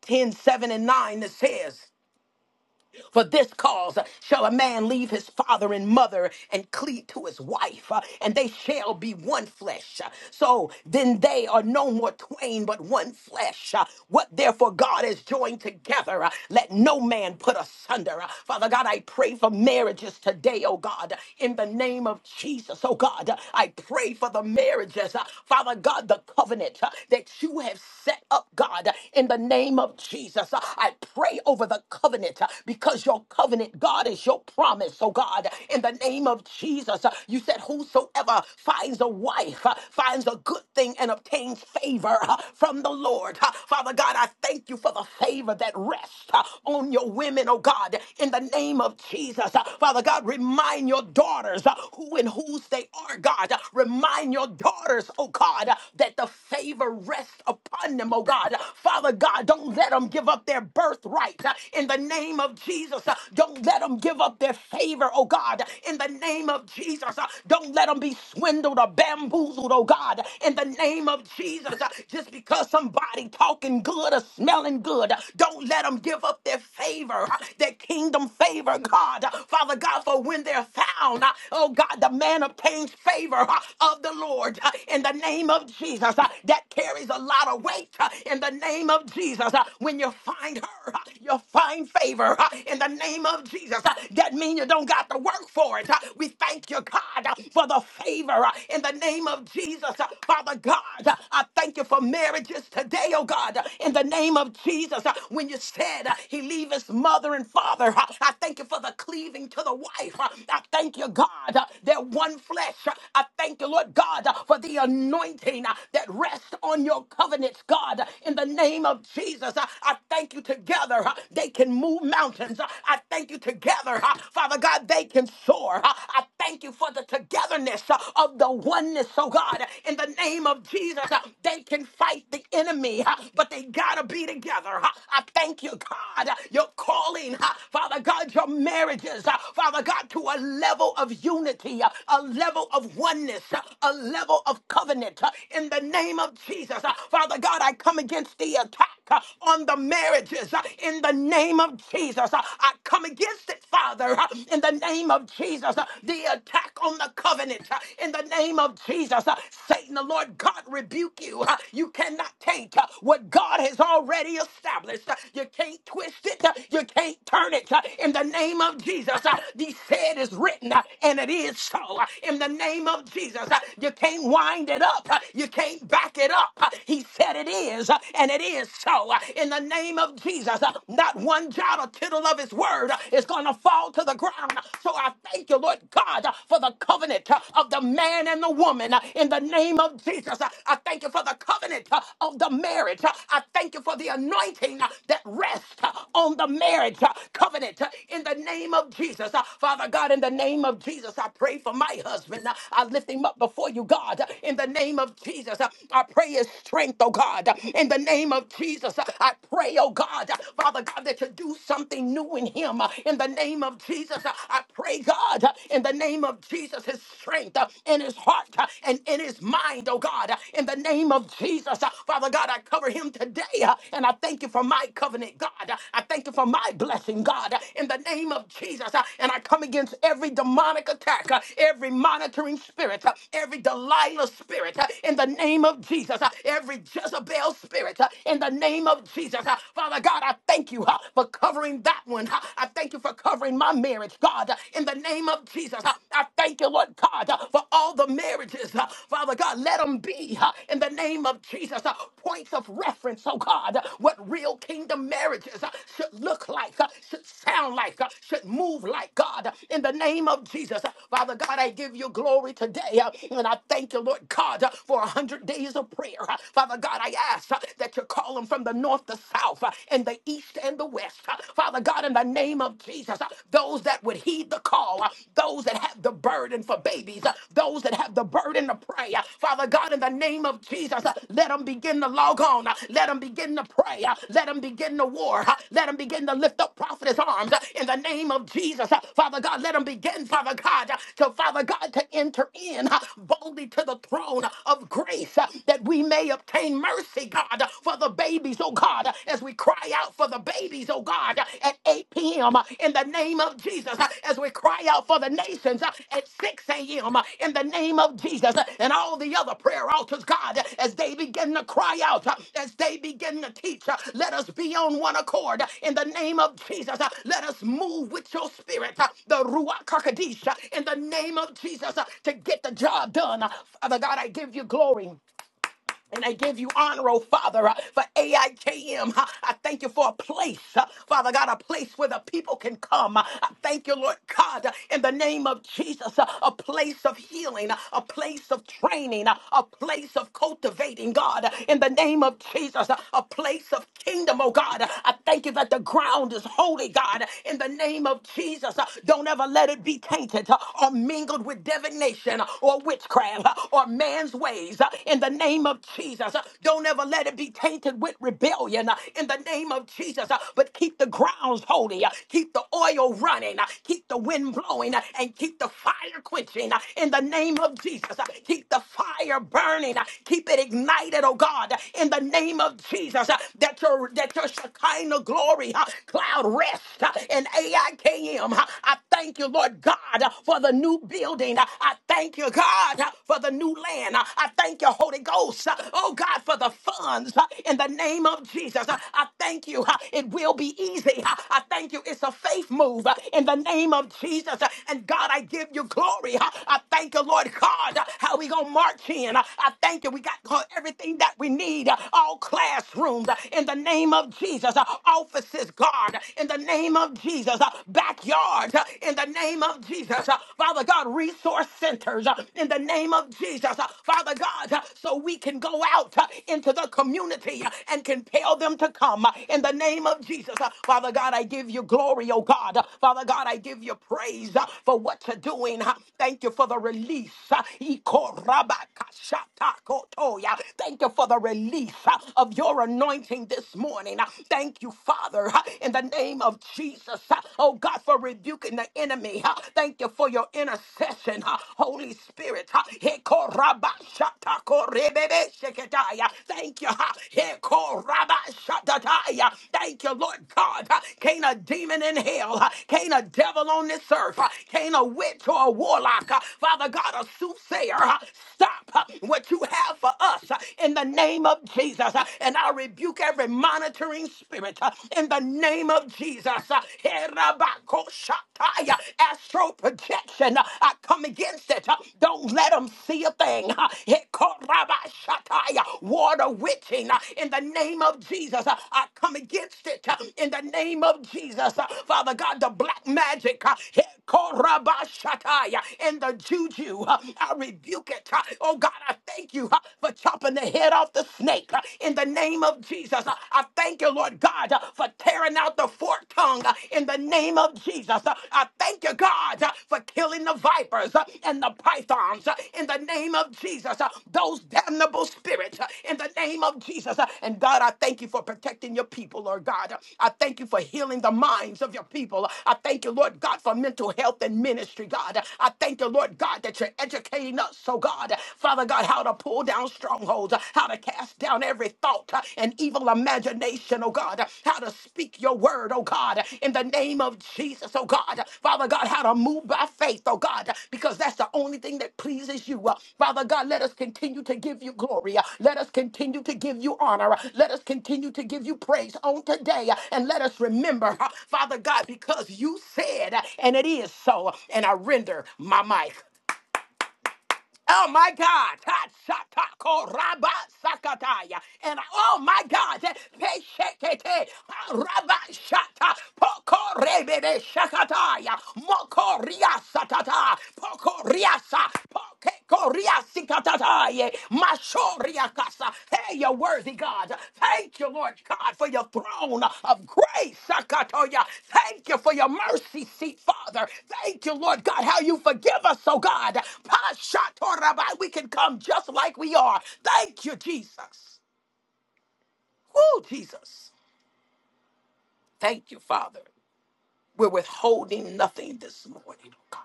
10, 7, and 9 that says, for this cause shall a man leave his father and mother and cleave to his wife, uh, and they shall be one flesh. So then they are no more twain, but one flesh. Uh, What therefore God has joined together, uh, let no man put asunder. Uh, Father God, I pray for marriages today, oh God, in the name of Jesus, oh God. Uh, I pray for the marriages, uh, Father God, the covenant uh, that you have set up, God, in the name of Jesus. Uh, I pray over the covenant covenant uh, because your covenant, God, is your promise. So, God, in the name of Jesus, uh, you said, Whosoever finds a wife uh, finds a good thing and obtains favor uh, from the Lord. Uh, Father God, I thank you for the favor that rests uh, on your women, oh God, in the name of Jesus. Uh, Father God, remind your daughters uh, who and whose they are, God. Uh, Remind your daughters, oh God, uh, that the favor rests upon them, oh God. Uh, Father God, don't let them give up their birthright uh, in the name of Jesus. Uh, Don't let them give up their favor, oh God, in the name of Jesus. Uh, Don't let them be swindled or bamboozled, oh God, in the name of Jesus. Uh, Just because somebody talking good or smelling good, uh, don't let them give up their favor, uh, their kingdom favor, God. Uh, Father God, for when they're found, uh, oh God, the man obtains favor uh, of the Lord uh, in the name of Jesus. Uh, That carries a lot of weight uh, in the name of Jesus. Uh, When you find her, uh, you'll find favor uh, in the name of Jesus. Uh, That means you don't got to work for it. Uh, We thank you, God, uh, for the favor uh, in the name of Jesus. Uh, Father God, uh, I thank you for marriages today, oh God, uh, in the name of Jesus. Uh, When you said uh, he leave his mother and father, uh, I thank you for the cleaving to the wife. Uh, I thank you, God, uh, they're one flesh. Uh, I thank you, Lord God, uh, for the anointing uh, that rests on your covenants, God, uh, in the name of Jesus. Uh, I thank thank you together. huh, They can move mountains. huh. I thank you together. huh, Father God, they can soar. huh. I thank you for the togetherness huh, of the oneness, oh God. In the name of Jesus, huh, they can fight the enemy, huh, but they gotta be together. huh. I thank you, God. You're calling, huh, Father God, your marriages, huh, Father God, to a level of unity, huh, a level of oneness, huh, a level of covenant. huh, In the name of Jesus, huh. Father God, I come against the attack attack, uh, on on the marriages uh, in the name of Jesus. Uh, I come against it, Father, uh, in the name of Jesus. Uh, The attack on the covenant uh, in the name of Jesus. Uh, Satan, the Lord God, rebuke you. Uh, You cannot take uh, what God has already established. Uh, You can't twist it. Uh, You can't turn it. Uh, In the name of Jesus, uh, the said is written uh, and it is so. Uh, In the name of Jesus, uh, you can't wind it up. Uh, You can't back it up. Uh, He said it is uh, and it is so so uh, in the name of Jesus. Uh, Not one jot or tittle of his word uh, is going to fall to the ground. So I thank you, Lord God, uh, for the covenant uh, of the man and the woman uh, in the name of Jesus. Uh, I thank you for the covenant uh, of the marriage. Uh, I thank you for the anointing uh, that rests uh, on the marriage uh, covenant uh, in the name of Jesus. Uh, Father God, in the name of Jesus, I pray for my husband. Uh, I lift him up before you, God, uh, in the name of Jesus. Uh, I pray his strength, oh God, uh, in the name name of Jesus, uh, I pray, oh God, uh, Father God, that you do something new in him. uh, In the name of Jesus, uh, I pray, God, uh, in the name of Jesus, his strength uh, in his heart uh, and in his mind, oh God, uh, in the name of Jesus, uh, Father God, I cover him today, uh, and I thank you for my covenant, God. Uh, I thank you for my blessing, God, uh, in the name of Jesus, uh, and I come against every demonic attack, uh, every monitoring spirit, uh, every Delilah spirit, uh, in the name of Jesus, uh, every Jezebel Jezebel spirit uh, in the name of Jesus. Uh, Father God, I thank you uh, for covering that one. Uh, I thank you for covering my marriage, God, uh, in the name of Jesus. Uh, I thank you, Lord God, uh, for all the marriages. uh, Father God, let them be uh, in the name of Jesus. uh, Points of reference, oh God, uh, what real kingdom marriages uh, should look like, uh, should sound like, uh, should move like, God, uh, in the name of Jesus. Uh, Father God, I give you glory today. uh, And I thank you, Lord God, uh, for a hundred days of prayer. Uh, Father Father God, I ask uh, that you call them from the north, the south, uh, and the east and the west. Uh, Father God, in the name of Jesus, uh, those that would heed the call, uh, those that have the burden for babies, uh, those that have the burden to pray. uh, Father God, in the name of Jesus, uh, let them begin to log on. uh, Let them begin to pray. uh, Let them begin to war. uh, Let them begin to lift up prophetess arms uh, in the name of Jesus. uh, Father God, let them begin, Father God, uh, to Father God to enter in uh, boldly to the throne of grace uh, that we we may obtain mercy, God, for the babies, oh God, as we cry out for the babies, oh God, at 8 p.m. in the name of Jesus, as we cry out for the nations at 6 a.m. in the name of Jesus, and all the other prayer altars, God, as they begin to cry out, as they begin to teach, let us be on one accord in the name of Jesus. Let us move with your spirit, the Ruach Kakadish, in the name of Jesus, to get the job done. Father God, I give you glory. And I give you honor, oh Father, uh, for AIKM. Uh, I thank you for a place, uh, Father God, a place where the people can come. Uh, I thank you, Lord God, uh, in the name of Jesus, uh, a place of healing, uh, a place of training, uh, a place of cultivating, God, uh, in the name of Jesus, uh, a place of kingdom, oh God. Uh, I thank you that the ground is holy, God, uh, in the name of Jesus. Uh, Don't ever let it be tainted uh, or mingled with divination uh, or witchcraft uh, or man's ways uh, in the name of Jesus. Uh, Don't ever let it be tainted with rebellion uh, in the name of Jesus. Uh, But keep the grounds holy, uh, keep the oil running, uh, keep the wind blowing, uh, and keep the fire quenching uh, in the name of Jesus. Uh, Keep the fire burning, uh, keep it ignited, oh God, uh, in the name of Jesus. uh, That your that your Shekinah glory uh, cloud rest uh, in AIKM. uh, I thank you, Lord God, uh, for the new new building. I thank you, God, uh, for the new land. Uh, I thank you, Holy Ghost. Uh, Oh, God, for the funds uh, in the name of Jesus. Uh, I thank you. uh, It will be easy. Uh, I thank you. It's a faith move uh, in the name of Jesus. Uh, And God, I give you glory. Uh, I thank you, Lord God, uh, how we going to march in. Uh, I thank you. We got everything that we need. uh, All classrooms uh, in the name of Jesus. Uh, Offices, God, in the name of Jesus. Backyard. God, uh, in the name of Jesus. uh, Father God, resource centers uh, in the name of Jesus. uh, Father God, uh, so we can go out uh, into the community uh, and compel them to come uh, in the name of Jesus. Uh, Father God, I give you glory, oh God. Uh, Father God, I give you praise uh, for what you're doing. Uh, Thank you for the release. Uh, Thank you for the release uh, of your anointing this morning. Uh, Thank you, Father, uh, in the name name of Jesus. uh, Oh God, for rebuking the enemy. uh, Thank you for your intercession, uh, Holy Spirit. Thank you. Thank you, Lord God. uh, Can't a demon in hell, uh, can't a devil on this earth, uh, can't a witch or a warlock, uh, Father God, a soothsayer, uh, stop uh, what you have for us uh, in the name of Jesus. uh, And I rebuke every mind monitoring spirit uh, in the name of Jesus. Uh, Herabakoshataya, Astral projection, uh, I come against it. Uh, Don't let them see a thing. Uh, Hekorabashataya, Water witching uh, in the name of Jesus. Uh, I come against it uh, in the name of Jesus. Uh, Father God, the black magic, uh, Hekorabashataya, and the juju, uh, I rebuke it. Uh, Oh God, I thank you uh, for chopping the head off the the snake uh, in the name of Jesus. Uh, I thank you, Lord God, uh, for tearing out the forked tongue uh, in the name of Jesus. Uh, I thank you, God, uh, for killing the vipers uh, and the pythons uh, in the name of Jesus. Uh, Those damnable spirits uh, in the name of Jesus. Uh, And God, I thank you for protecting your people, Lord God. Uh, I thank you for healing the minds of your people. Uh, I thank you, Lord God, for mental health and ministry, God. Uh, I thank you, Lord God, that you're educating us, so God, uh, for Father God, how to pull down strongholds, uh, how to cast down every thought uh, and evil imagination, oh God, uh, how to speak your word, oh God, uh, in the name of Jesus, oh God. Uh, Father God, how to move by faith, oh God, uh, because that's the only thing that pleases you. Uh, Father God, let us continue to give you glory. Uh, Let us continue to give you honor. Uh, Let us continue to give you praise on today. Uh, And let us remember, uh, Father God, because you said, uh, and it is so, and I render my mic. Oh my God. Ha, shaka, ko, raba, sakataya. And oh my God. eh, pe, shekete, ha, Raba shata. Poko rebebe shakataya. Moko ria satata. Poko riasa. Poko ria sikatataye. Pashoriakasa. Hey, you're worthy, God. Thank you, Lord God, for your throne of grace. Sakatoya. Thank you for your mercy seat, Father. Thank you, Lord God, how you forgive us, oh God. Pashatorabai. We can come just like we are. Thank you, Jesus. Oh, Jesus. Thank you, Father. We're withholding nothing this morning, oh God.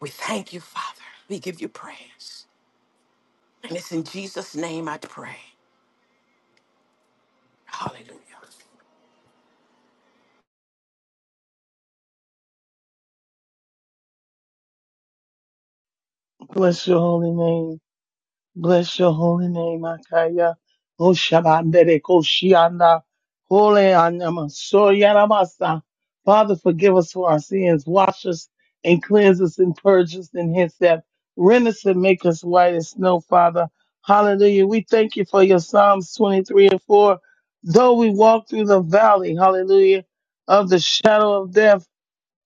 We thank you, Father. We give you praise. And it's in Jesus' name I pray. Hallelujah.
Bless your holy name. Bless your holy name, Akaya. O Shabandere Koshianda. Holy Anyama. Soyanamasa. Father, forgive us for our sins. Wash us and cleanse us and purge us and hence that. Rend us and make us white as snow, Father. Hallelujah. We thank you for your Psalms 23 and 4. Though we walk through the valley, hallelujah, of the shadow of death,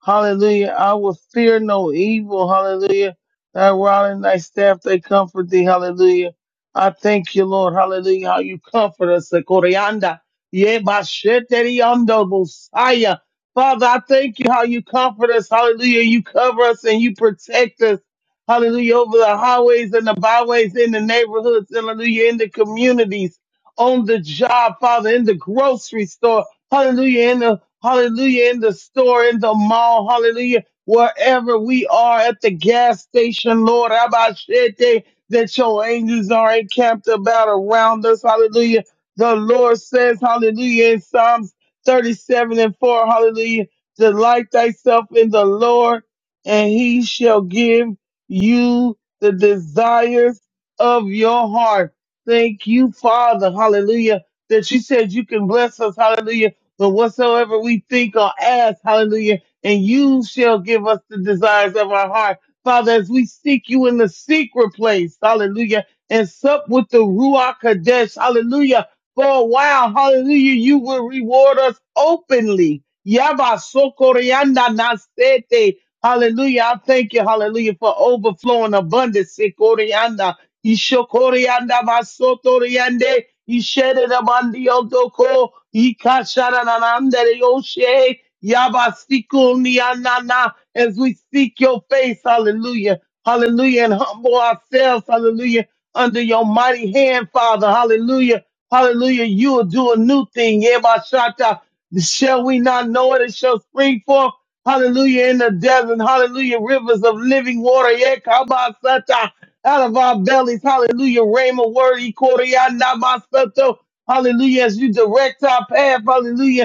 Hallelujah. I will fear no evil. Hallelujah. Thy rod and thy staff, they comfort thee. Hallelujah. I thank you, Lord. Hallelujah. How you comfort us. The Koryanda. Yeah, Basheteriando, Messiah. Father, I thank you how you comfort us. Hallelujah. You cover us and you protect us. Hallelujah. Over the highways and the byways, in the neighborhoods. Hallelujah. In the communities, on the job, Father, in the grocery store. Hallelujah. In the Hallelujah. In the store, in the mall. Hallelujah. Wherever we are at the gas station, Lord. Abashete, that your angels are encamped about around us. Hallelujah. The Lord says, Hallelujah. In Psalms 37 and 4, Hallelujah. Delight thyself in the Lord, and he shall give you the desires of your heart. Thank you, Father. Hallelujah. That you said you can bless us. Hallelujah but whatsoever we think or ask, hallelujah, and you shall give us the desires of our heart. Father, as we seek you in the secret place, hallelujah, and sup with the Ruach Kodesh, hallelujah, for a while, hallelujah, you will reward us openly. Yaba sokorianda nasete. Hallelujah. I thank you, hallelujah, for overflowing abundance. Sekorianda, Ishokorianda, Vasotoriande. Ishere da mandio doko. Ikashara na nandere yoshe. Yabasiku ni anana. As we seek your face, hallelujah. Hallelujah. And humble ourselves, hallelujah. Under your mighty hand, Father, hallelujah. Hallelujah. You will do a new thing. Yabashata. Shall we not know it? It shall spring forth. Hallelujah in the desert. Hallelujah. Rivers of living water. Yeah, kabasata out of our bellies. Hallelujah. Rhema word, Ikoriana Masato. Hallelujah. As you direct our path. Hallelujah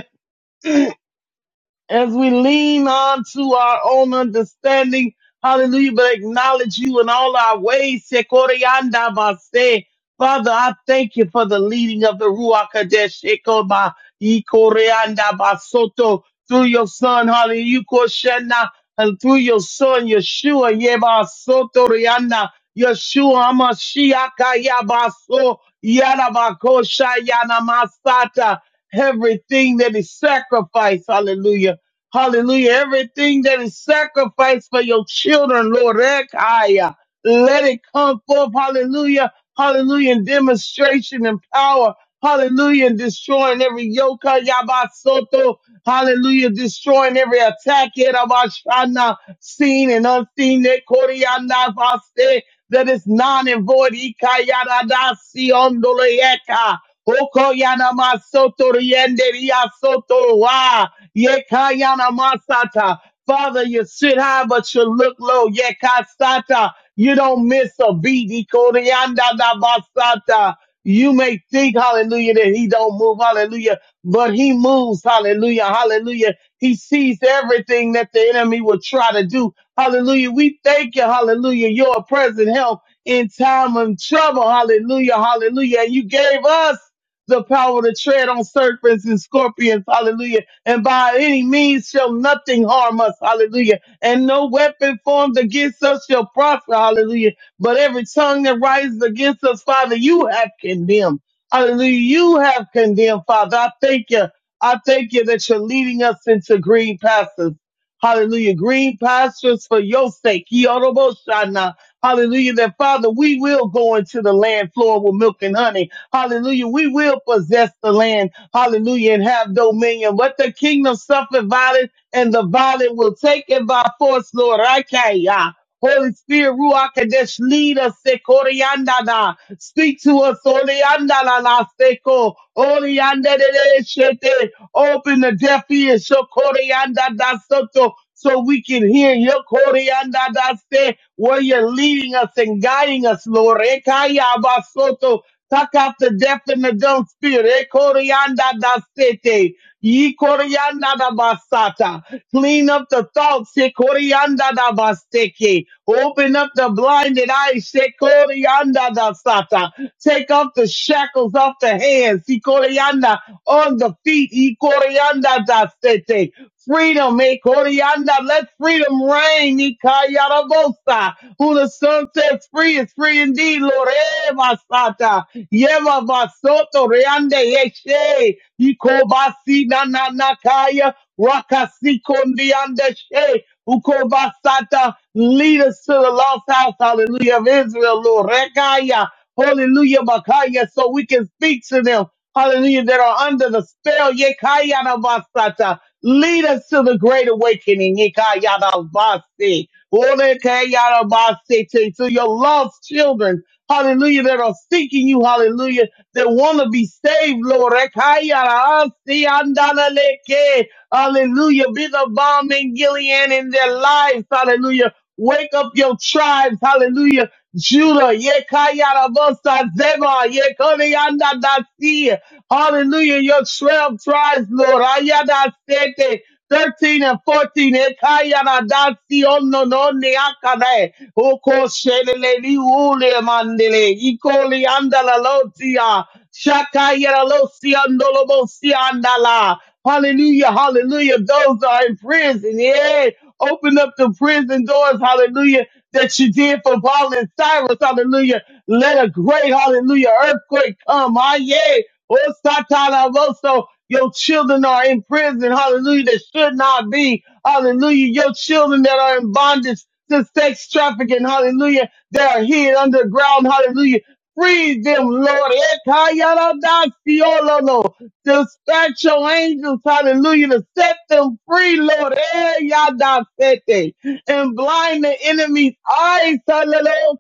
as we lean on to our own understanding. Hallelujah. But acknowledge you in all our ways. Sekorianda base. Father, I thank you for the leading of the Ruach Kadesh. Ekoba ikoreanda basoto. Through your son, hallelujah, koshena, and through your son, Yeshua, Yeba Soto Rianda, Yeshua Mashiaka Yabaso, Yanabakosha Yanamasata, everything that is sacrificed, hallelujah Hallelujah. Everything that is sacrificed for your children, Lord, Ekaya, let it come forth. Hallelujah. Hallelujah. In demonstration and power. Hallelujah. And destroying every yoke. Yabasoto. Hallelujah. Destroying every attack. Yerabashana seen and unseen, that Koryana Vaste, that is non and void, Ikayana Dasi Ondoleeka, Okoyana Masoto Rienderia Soto Wa, Yekayana Masata. Father, you sit high, but you look low, Yekasata. You don't miss a beat, Ikoryana Basata. You may think, hallelujah, that he don't move, hallelujah, but he moves, hallelujah, hallelujah. He sees everything that the enemy will try to do. Hallelujah. We thank you, hallelujah. Your present help in time of trouble. Hallelujah, hallelujah. And you gave us the power to tread on serpents and scorpions. Hallelujah. And by any means shall nothing harm us. Hallelujah. And no weapon formed against us shall prosper. Hallelujah but every tongue that rises against us, Father, you have condemned. Hallelujah. You have condemned, Father. I thank you. I thank you that you're leading us into green pastures. Hallelujah. Green pastures for your sake. Yoroboshana. Hallelujah. That Father, we will go into the land flowing with milk and honey. Hallelujah. We will possess the land. Hallelujah. And have dominion. But the kingdom suffered violence and the violent will take it by force, Lord. Rakaya. Holy Spirit, Ruach Kadesh, lead us, Sekoriandana. Speak to us, Oleandana, Seko, Oleandere, Shete. Open the deaf ears, Shokoriandana, Soto, so we can hear your Koriandana, say, where you're leading us and guiding us, Lord. Ekaya, Basoto. Pluck out the deaf and the dumb spirit. Eh, Corianda da sete. Ye corianda da basata. Clean up the thoughts. Eh, Corianda da basteke. Open up the blinded eyes. Eh, Corianda da sata. Take off the shackles off the hands. Eh, Corianda on the feet. Eh, Corianda da sete. Freedom me Korianda. Let freedom reign. Ikayarabosa. Who the Son sets free is free indeed. Lord Eva Sata. Yeva Basoto Reande Yeshe. Ikobasi na na na kaya. Rakasi kondianda she. Ukobasata. Lead us to the lost house. Hallelujah of Israel, Lord. Rekaya. Hallelujah, Makaya, so we can speak to them. Hallelujah, that are under the spell. Yekayana Basata. Lead us to the great awakening. Ikayadabasi. Orekayadabasi. To, to your lost children. Hallelujah. That are seeking you. Hallelujah. That want to be saved, Lord. Ekayadabasi. Andaleleke. Hallelujah. Be the bomb in Gilead in their lives. Hallelujah. Wake up your tribes. Hallelujah Judah, Yekayarabasa Zeba, Yekoyanda Dasi. Hallelujah. Your 12 tribes, Lord. Ayada Sete. 13 and 14, Ekayana Dasi Ono no Neakane, Oko Shelele, Ule Mandele, Ikoli Andala Lotia, Shakayara Losia, Ndolobosia Andala. Hallelujah, hallelujah. Those are in prison, yeah. Open up the prison doors, hallelujah that you did for Paul and Silas. Hallelujah. Let a great, hallelujah, earthquake come. Ah, yeah. Oh, Satana Rosso. Your children are in prison. Hallelujah. That should not be. Hallelujah. Your children that are in bondage to sex trafficking. Hallelujah. They are hid underground. Hallelujah. Free them, Lord. Ekayaradasiololo. Dispatch your angels. Hallelujah. To set them free, Lord. Eh, yadasete and blind the enemy's eyes. Hallelujah.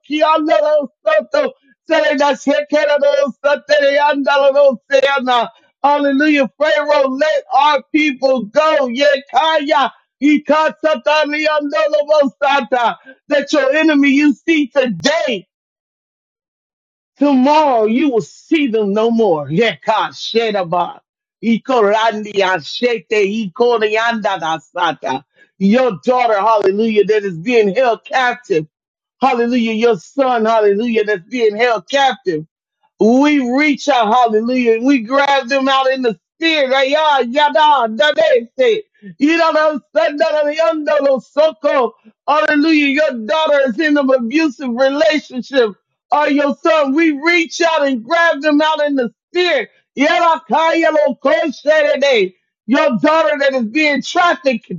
Pharaoh, let our people go. Yekaya. Ikatsataniyandalo That your enemy you see today. Tomorrow you will see them no more. Yeka shedaba. Iko randi ashete, iko rianda da sata. Your daughter, hallelujah, that is being held captive. Hallelujah. Your son, hallelujah, that's being held captive. We reach out, hallelujah, and we grab them out in the spirit. Right? Yeah, yada, da, they say. You know what I'm saying? Da, da, Hallelujah. Your daughter is in an abusive relationship. Or your son, we reach out and grab them out in the spirit. Yada, ka, yellow, ko, shada, day. Your daughter that is being trafficked.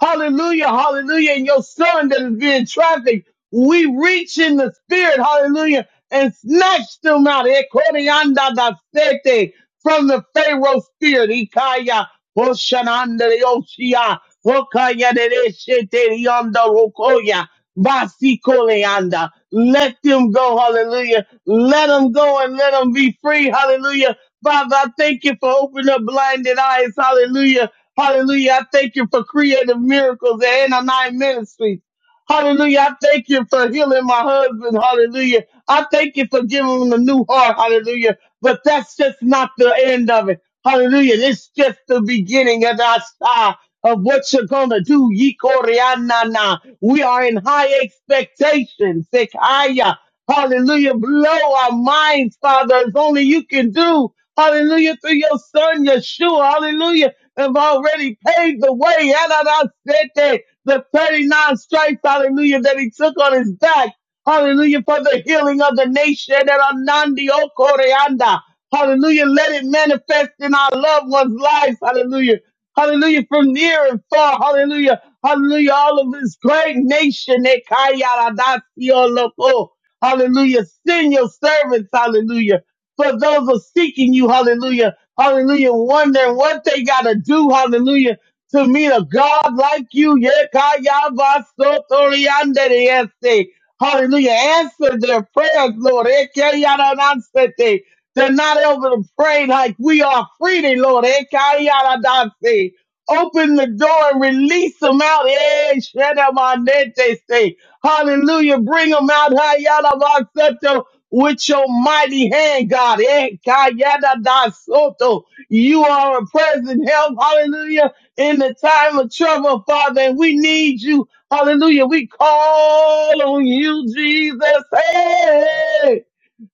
Hallelujah, hallelujah. And your son that is being trafficked. We reach in the spirit. Hallelujah and snatched them out Ekorianda da sete, from the Pharaoh spirit. Ikaya Hoshananda de Oshia Hokaya de de Shete Yonda Rokoya Basikoleanda. Let them go, hallelujah. Let them go and let them be free, hallelujah. Father, I thank you for opening up blinded eyes, hallelujah. Hallelujah. I thank you for creative miracles and nine ministries. Hallelujah. I thank you for healing my husband. Hallelujah. I thank you for giving them a new heart. Hallelujah. But that's just not the end of it. Hallelujah. It's just the beginning of our star of what you're gonna do. ye Koreanana. We are in high expectations. Sekaya. Hallelujah. Blow our minds, Father, as only you can do. Hallelujah. Through your son, Yeshua. Hallelujah. Have already paved the way. Yanana sete. The 39 stripes, hallelujah, that he took on his back. Hallelujah for the healing of the nation. And Anandio Koreanda. Hallelujah. Let it manifest in our loved ones' lives. Hallelujah. Hallelujah. From near and far. Hallelujah. Hallelujah. All of this great nation. Ekayaradacioloko. Hallelujah. Send your servants. Hallelujah. For those who are seeking you. Hallelujah. Hallelujah. Wondering what they got to do. Hallelujah. To meet a God like you. Yekayabasotorianderieste. Hallelujah. Answer their prayers, Lord. Ekeyaranansete. They're not able to pray like we are freely, Lord. Ekeyaradanse. Open the door and release them out. Eh, shenamanete se. Hallelujah. Bring them out Hayarabansete, with your mighty hand, God. Ekeyaradasoto. You are a present help. Hallelujah. In the time of trouble, Father, and we need you Hallelujah. We call on you, Jesus. Hey!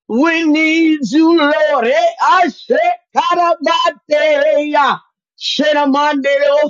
We need you, Lord. Eh, ashe karabate, ya. Shenamande, oh,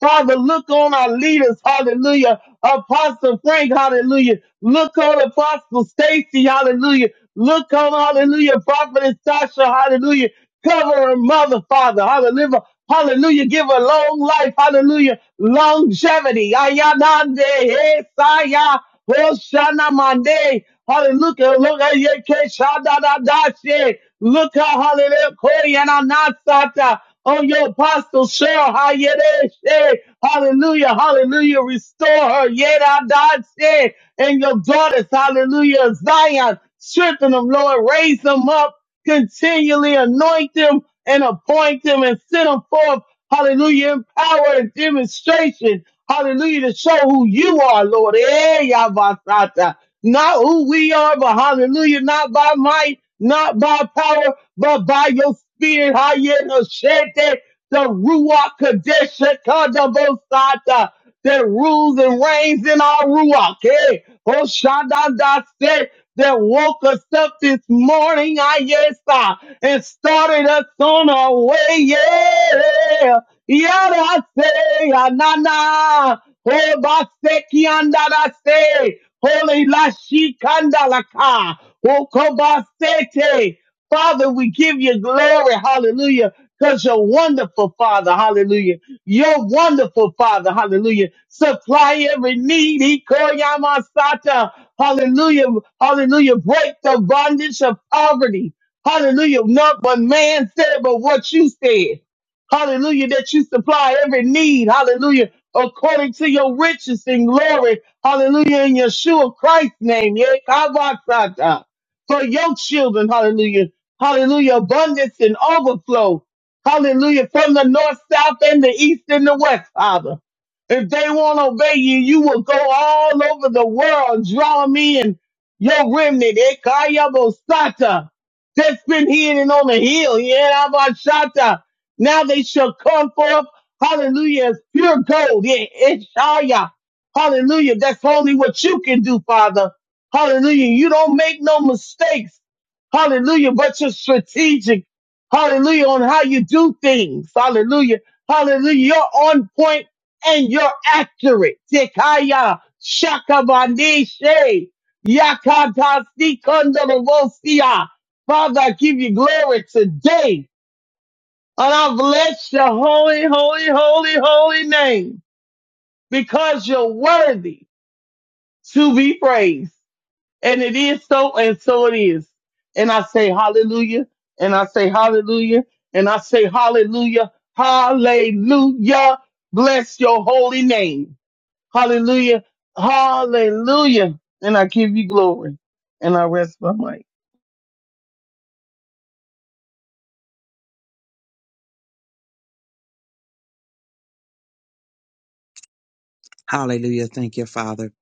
Father, look on our leaders. Hallelujah. Apostle Frank, hallelujah. Look on Apostle Stacy, hallelujah. Look on, hallelujah, Prophetess Tasha, hallelujah. Cover her mother, Father, hallelujah. Hallelujah. Give her long life, hallelujah. Longevity. Ayanande, eh, saya, oh, shanamande. Hallelujah. Look at Yeke Shadadadashi. Look at Hallelujah. Koyana Nasata. On your apostle Cheryl Hayedeshe. Hallelujah. Hallelujah. Restore her. Yedadashi. And your daughters. Hallelujah. Zion. Strengthen them, Lord. Raise them up. Continually anoint them and appoint them and send them forth. Hallelujah. In power and demonstration. Hallelujah. To show who you are, Lord. Eh, Yabasata. Not who we are, but hallelujah. Not by might, not by power, but by your spirit. Hayenoshete. The Ruach Kadesh Kadabosata that rules and reigns in our Ruach. Hey, Oshadada said that woke us up this morning, ah, yes, ah, and started us on our way, yeah. Yada say, ah, na na. Oh, baseki andada say, holy la shikanda la ka. Oh, kobasete. Father, we give you glory, hallelujah, because you're wonderful, Father, hallelujah. You're wonderful, Father, hallelujah. Supply every need, He call ya hallelujah, hallelujah. Break the bondage of poverty, hallelujah. Not what man said, but what you said, hallelujah, that you supply every need, hallelujah, according to your riches and glory, hallelujah, in Yeshua Christ's name, yeah, kabasata. for your children, hallelujah Hallelujah. Abundance and overflow. Hallelujah. From the north, south, and the east and the west, Father. If they won't obey you, you will go all over the world, drawing me and your remnant. Ekayabosata. That's been hidden on the hill. Yerabashata. Now they shall come forth. Hallelujah. As pure gold. Yeah, Eshaya. Hallelujah. That's only what you can do, Father. Hallelujah. You don't make no mistakes. Hallelujah. But you're strategic. Hallelujah. On how you do things. Hallelujah. Hallelujah. You're on point and you're accurate. Tekaya shakabandeshe yakata sikondolobosia. Father, I give you glory today. And I bless your holy, holy, holy, holy name because you're worthy to be praised. And it is so, and so it is. And I say hallelujah, and I say hallelujah, and I say hallelujah, hallelujah. Bless your holy name. Hallelujah, hallelujah. And I give you glory. And I rest my mic.
Hallelujah. Thank you, Father.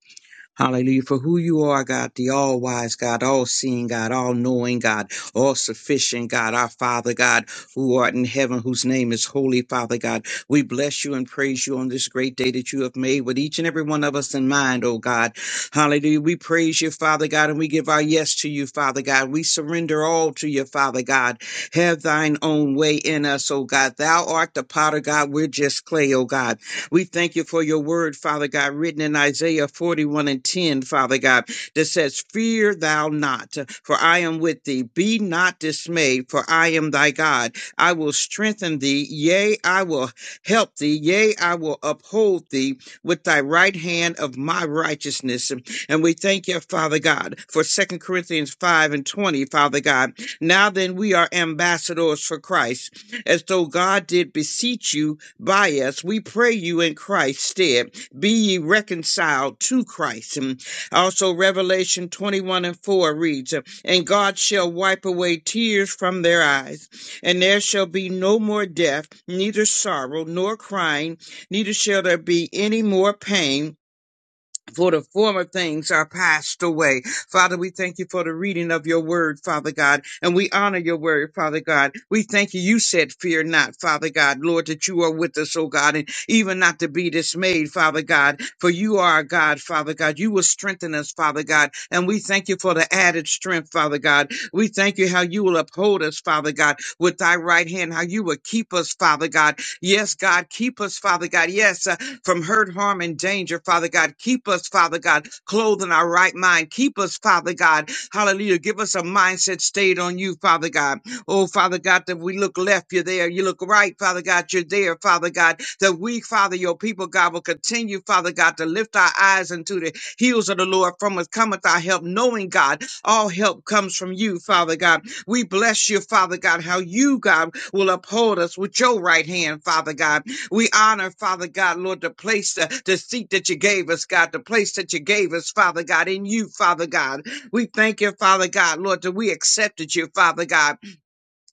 Hallelujah. For who you are, God, the all wise God, all seeing God, all knowing God, all sufficient God, our Father God, who art in heaven, whose name is holy, Father God. We bless you and praise you on this great day that you have made with each and every one of us in mind, oh God. Hallelujah. We praise you, Father God, and we give our yes to you, Father God. We surrender all to you, Father God. Have thine own way in us, oh God. Thou art the potter, God. We're just clay, oh God. We thank you for your word, Father God, written in Isaiah 41 and 10, Father God, that says, Fear thou not, for I am with thee. Be not dismayed, for I am thy God. I will strengthen thee. Yea, I will help thee. Yea, I will uphold thee with thy right hand of my righteousness. And we thank you, Father God, for Second Corinthians 5 and 20, Father God. Now then, we are ambassadors for Christ, as though God did beseech you by us. We pray you in Christ's stead. Be ye reconciled to Christ. And also, Revelation 21 and 4 reads, And God shall wipe away tears from their eyes, and there shall be no more death, neither sorrow, nor crying, neither shall there be any more pain for the former things are passed away. Father, we thank you for the reading of your word, Father God, and we honor your word, Father God. We thank you. You said, Fear not, Father God, Lord, that you are with us, oh God, and even not to be dismayed, Father God, for you are our God, Father God. You will strengthen us, Father God, and we thank you for the added strength, Father God. We thank you how you will uphold us, Father God, with thy right hand, how you will keep us, Father God. Yes, God, keep us, Father God. Yes, uh, from hurt, harm, and danger, Father God. Keep us, Father God, clothed in our right mind. Keep us, Father God. Hallelujah. Give us a mindset stayed on you, Father God. Oh, Father God, that we look left, you're there. You look right, Father God, you're there, Father God. That we, Father, your people, God, will continue, Father God, to lift our eyes into the heels of the Lord. From us cometh our help, knowing, God, all help comes from you, Father God. We bless you, Father God, how you, God, will uphold us with your right hand, Father God. We honor, Father God, Lord, the place, uh, the seat that you gave us, God, the place that you gave us, Father God, in you, Father God. We thank you, Father God, Lord, that we accepted you, Father God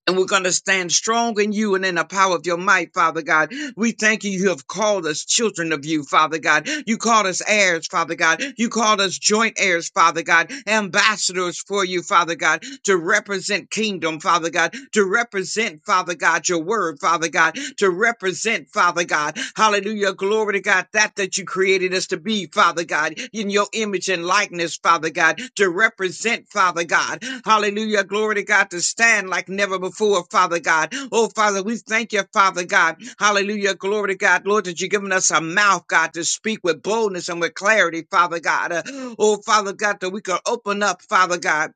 and we're going to stand strong in you and in the power of your might, Father God. We thank you. You have called us children of you, Father God. You called us heirs, Father God. You called us joint heirs, Father God. Ambassadors for you, Father God, to represent kingdom, Father God, to represent, Father God, your word, Father God, to represent, Father God. Hallelujah. Glory to God, that that you created us to be, Father. Father God, in your image and likeness, Father God, to represent, Father God. Hallelujah. Glory to God to stand like never before, Father God. Oh, Father, we thank you, Father God. Hallelujah. Glory to God, Lord, that you've given us a mouth, God, to speak with boldness and with clarity, Father God. Uh, oh, Father God, that we can open up, Father God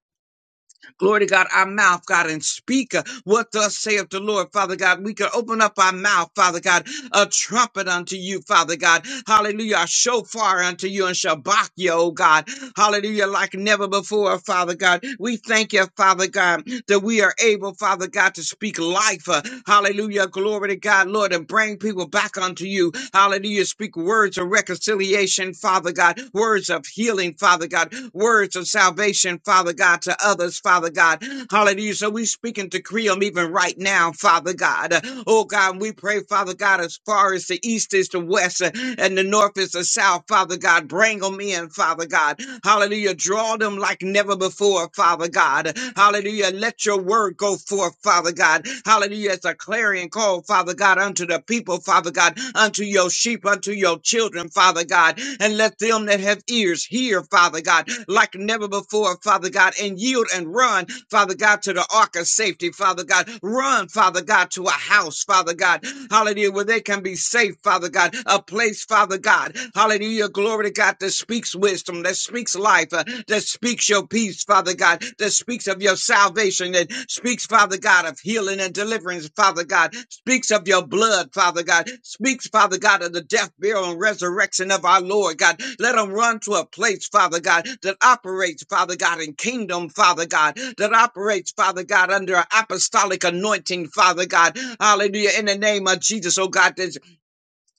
Glory to God, our mouth, God, and speak uh, what thus saith the Lord, Father God. We can open up our mouth, Father God, a trumpet unto you, Father God. Hallelujah. A shofar unto you and shabak you, oh God. Hallelujah. Like never before, Father God. We thank you, Father God, that we are able, Father God, to speak life. uh, hallelujah. Glory to God, Lord, and bring people back unto you. Hallelujah. Speak words of reconciliation, Father God. Words of healing, Father God. Words of salvation, Father God, to others, Father God. Hallelujah. So we speak and decree them even right now, Father God. Oh God, we pray, Father God, as far as the east is the west uh, and the north is the south, Father God, bring them in, Father God. Hallelujah. Draw them like never before, Father God. Hallelujah. Let your word go forth, Father God. Hallelujah. It's a clarion call, Father God, unto the people, Father. Father God, unto your sheep, unto your children, Father God, and let them that have ears hear, Father God, like never before, Father God, and yield and run, Father God, to the ark of safety, Father God. Run, Father God, to a house, Father God, hallelujah, where they can be safe, Father God, a place, Father God, hallelujah, glory to God that speaks wisdom, that speaks life, uh, that speaks your peace, speaks, Father God, that speaks of your salvation, that speaks, Father God, of healing and deliverance, Father God, speaks of your blood, Father God, speaks, Father God, of the death, burial, and resurrection of our Lord God. Let them run to a place, Father God, that operates, Father God, in kingdom, Father God, that operates, Father God, under an apostolic anointing, Father God. Hallelujah. In the name of Jesus, oh God, that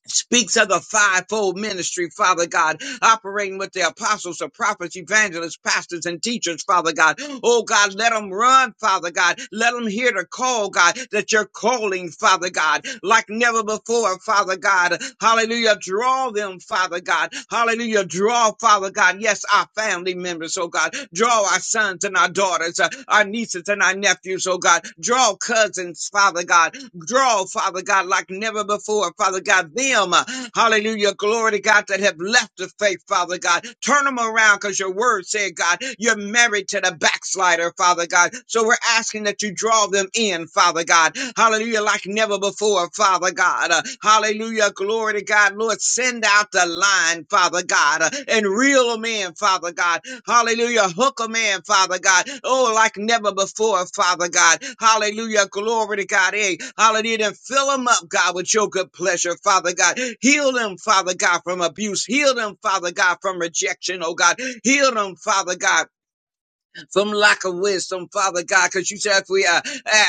speaks of the fivefold ministry, Father God, operating with the apostles, the prophets, evangelists, pastors, and teachers, Father God. Oh God, let them run, Father God. Let them hear the call, God, that you're calling, Father God, like never before, Father God. Hallelujah. Draw them, Father God. Hallelujah. Draw, Father God. Yes, our family members, oh God. Draw our sons sons and our daughters, uh, our nieces and our nephews, oh God. Draw cousins, Father God. Draw, Father God, like never before, Father God, them, uh, hallelujah, glory to God, that have left the faith, Father God. Turn them around because your word said, God, you're married to the backslider, Father God. So we're asking that you draw them in, Father God. Hallelujah, like never before, Father God. Uh, Hallelujah. Glory to God. Lord, send out the line, Father God, uh, and reel them in, Father God. Hallelujah. Hook them in, Father God. Oh, like never before, Father God. Hallelujah. Glory to God. Hey, hallelujah. And fill them up, God, with your good pleasure, Father God. Heal them, Father God, from abuse. Heal them, Father God, from rejection, oh God. Heal them, Father God from lack of wisdom, Father God, because you said if we uh,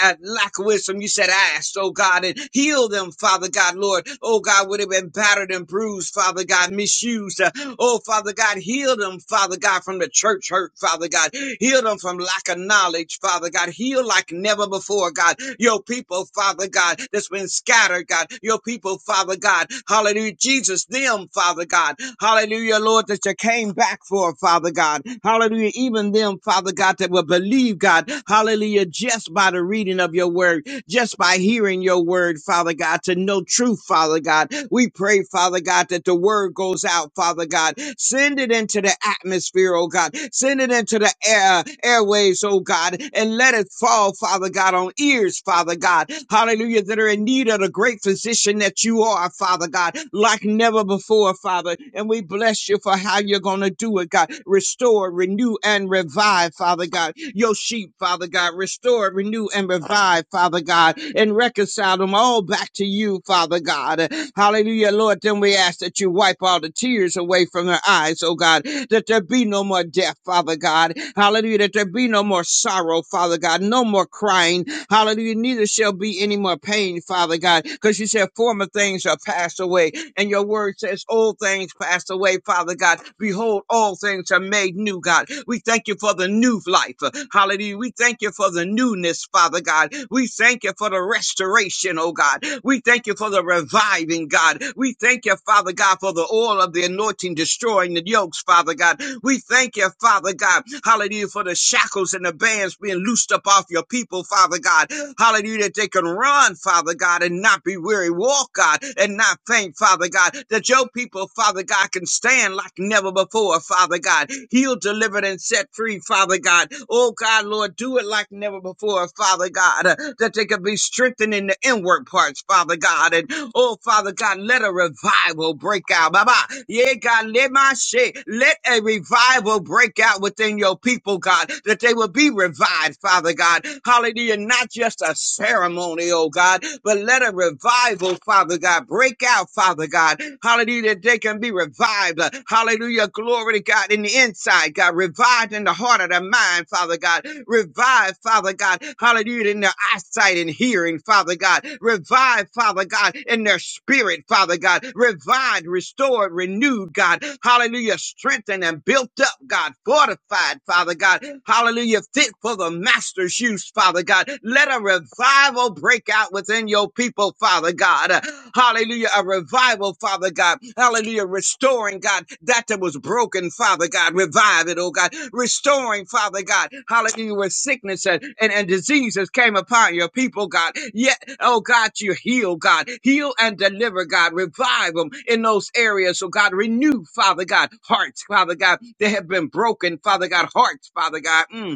uh, lack of wisdom, you said ask, oh God, and heal them, Father God, Lord. Oh God, would have been battered and bruised, Father God, misused. Uh, oh Father God, heal them, Father God, from the church hurt, Father God. Heal them from lack of knowledge, Father God. Heal like never before, God. Your people, Father God, that's been scattered, God. Your people, Father God. Hallelujah. Jesus, them, Father God. Hallelujah, Lord Lord, that you came back for, Father God. Hallelujah. Even them, Father God, that will believe, God. Hallelujah. Just by the reading of your word, just by hearing your word, Father God, to know truth, Father God. We pray, Father God, that the word goes out, Father God. Send it into the atmosphere, oh God. Send it into the air, airwaves, oh God, and let it fall, Father God, on ears, Father God. Hallelujah, that are in need of the great physician that you are, Father God, like never before, Father. And we bless you for how you're going to do it, God. Restore, renew, and revive, Father God. Your sheep, Father God. Restore, renew, and revive, Father God. And reconcile them all back to you, Father God. Hallelujah, Lord. Then we ask that you wipe all the tears away from their eyes, oh God, that there be no more death, Father God. Hallelujah, that there be no more sorrow, Father God, no more crying. Hallelujah, neither shall shall be any more pain, Father God, because you said former things are passed away. And your word says old things passed away, Father God. Behold, all things are made new, God. We thank you for the new life. Hallelujah. We thank you for the newness, Father God. We thank you for the restoration, oh God. We thank you for the reviving, God. We thank you, Father God, for the oil of the anointing destroying the yokes, Father God. We thank you, Father God. Hallelujah, for the shackles chains and the bands being loosed up off your people, Father God. Hallelujah, that they can run, Father God, and not be weary. Walk, God, and not faint, Father God. That your people, Father God, can stand like never before, Father God. Healed, delivered, and set free, Father God. Oh, God, Lord, do it like never before, Father God. Uh, That they can be strengthened in the inward parts, Father God. And oh, Father God, let a revival break out. Baba. Yeah, God, let my shit. Let let a revival break out within your people, God, that they will be revived, Father God. Hallelujah. Not just a ceremony, oh God, but let a revival, Father God, break out, Father God. Hallelujah. That they can be revived. Hallelujah. Glory to God in the inside, God. Revived in the heart of the mind, Father God. Revived, Father God. Hallelujah. In their eyesight and hearing, Father God. Revived, Father God, in their spirit, Father God. God, revived, restored, renewed, God. Hallelujah, strengthened and built up, God, fortified, Father God. Hallelujah, fit for the master's use, Father God. Let a revival break out within your people, Father God. Uh, Hallelujah, a revival, Father God. Hallelujah, restoring, God, that that was broken, Father God. Revive it, oh God. Restoring, Father God. Hallelujah, where sickness and, and, and diseases came upon your people, God. Yes. Oh God, you heal, God. Heal and deliver, God. Revive them in those areas. So God, renew, Father God, hearts, Father God, that have been broken, Father God, hearts, Father God. Mm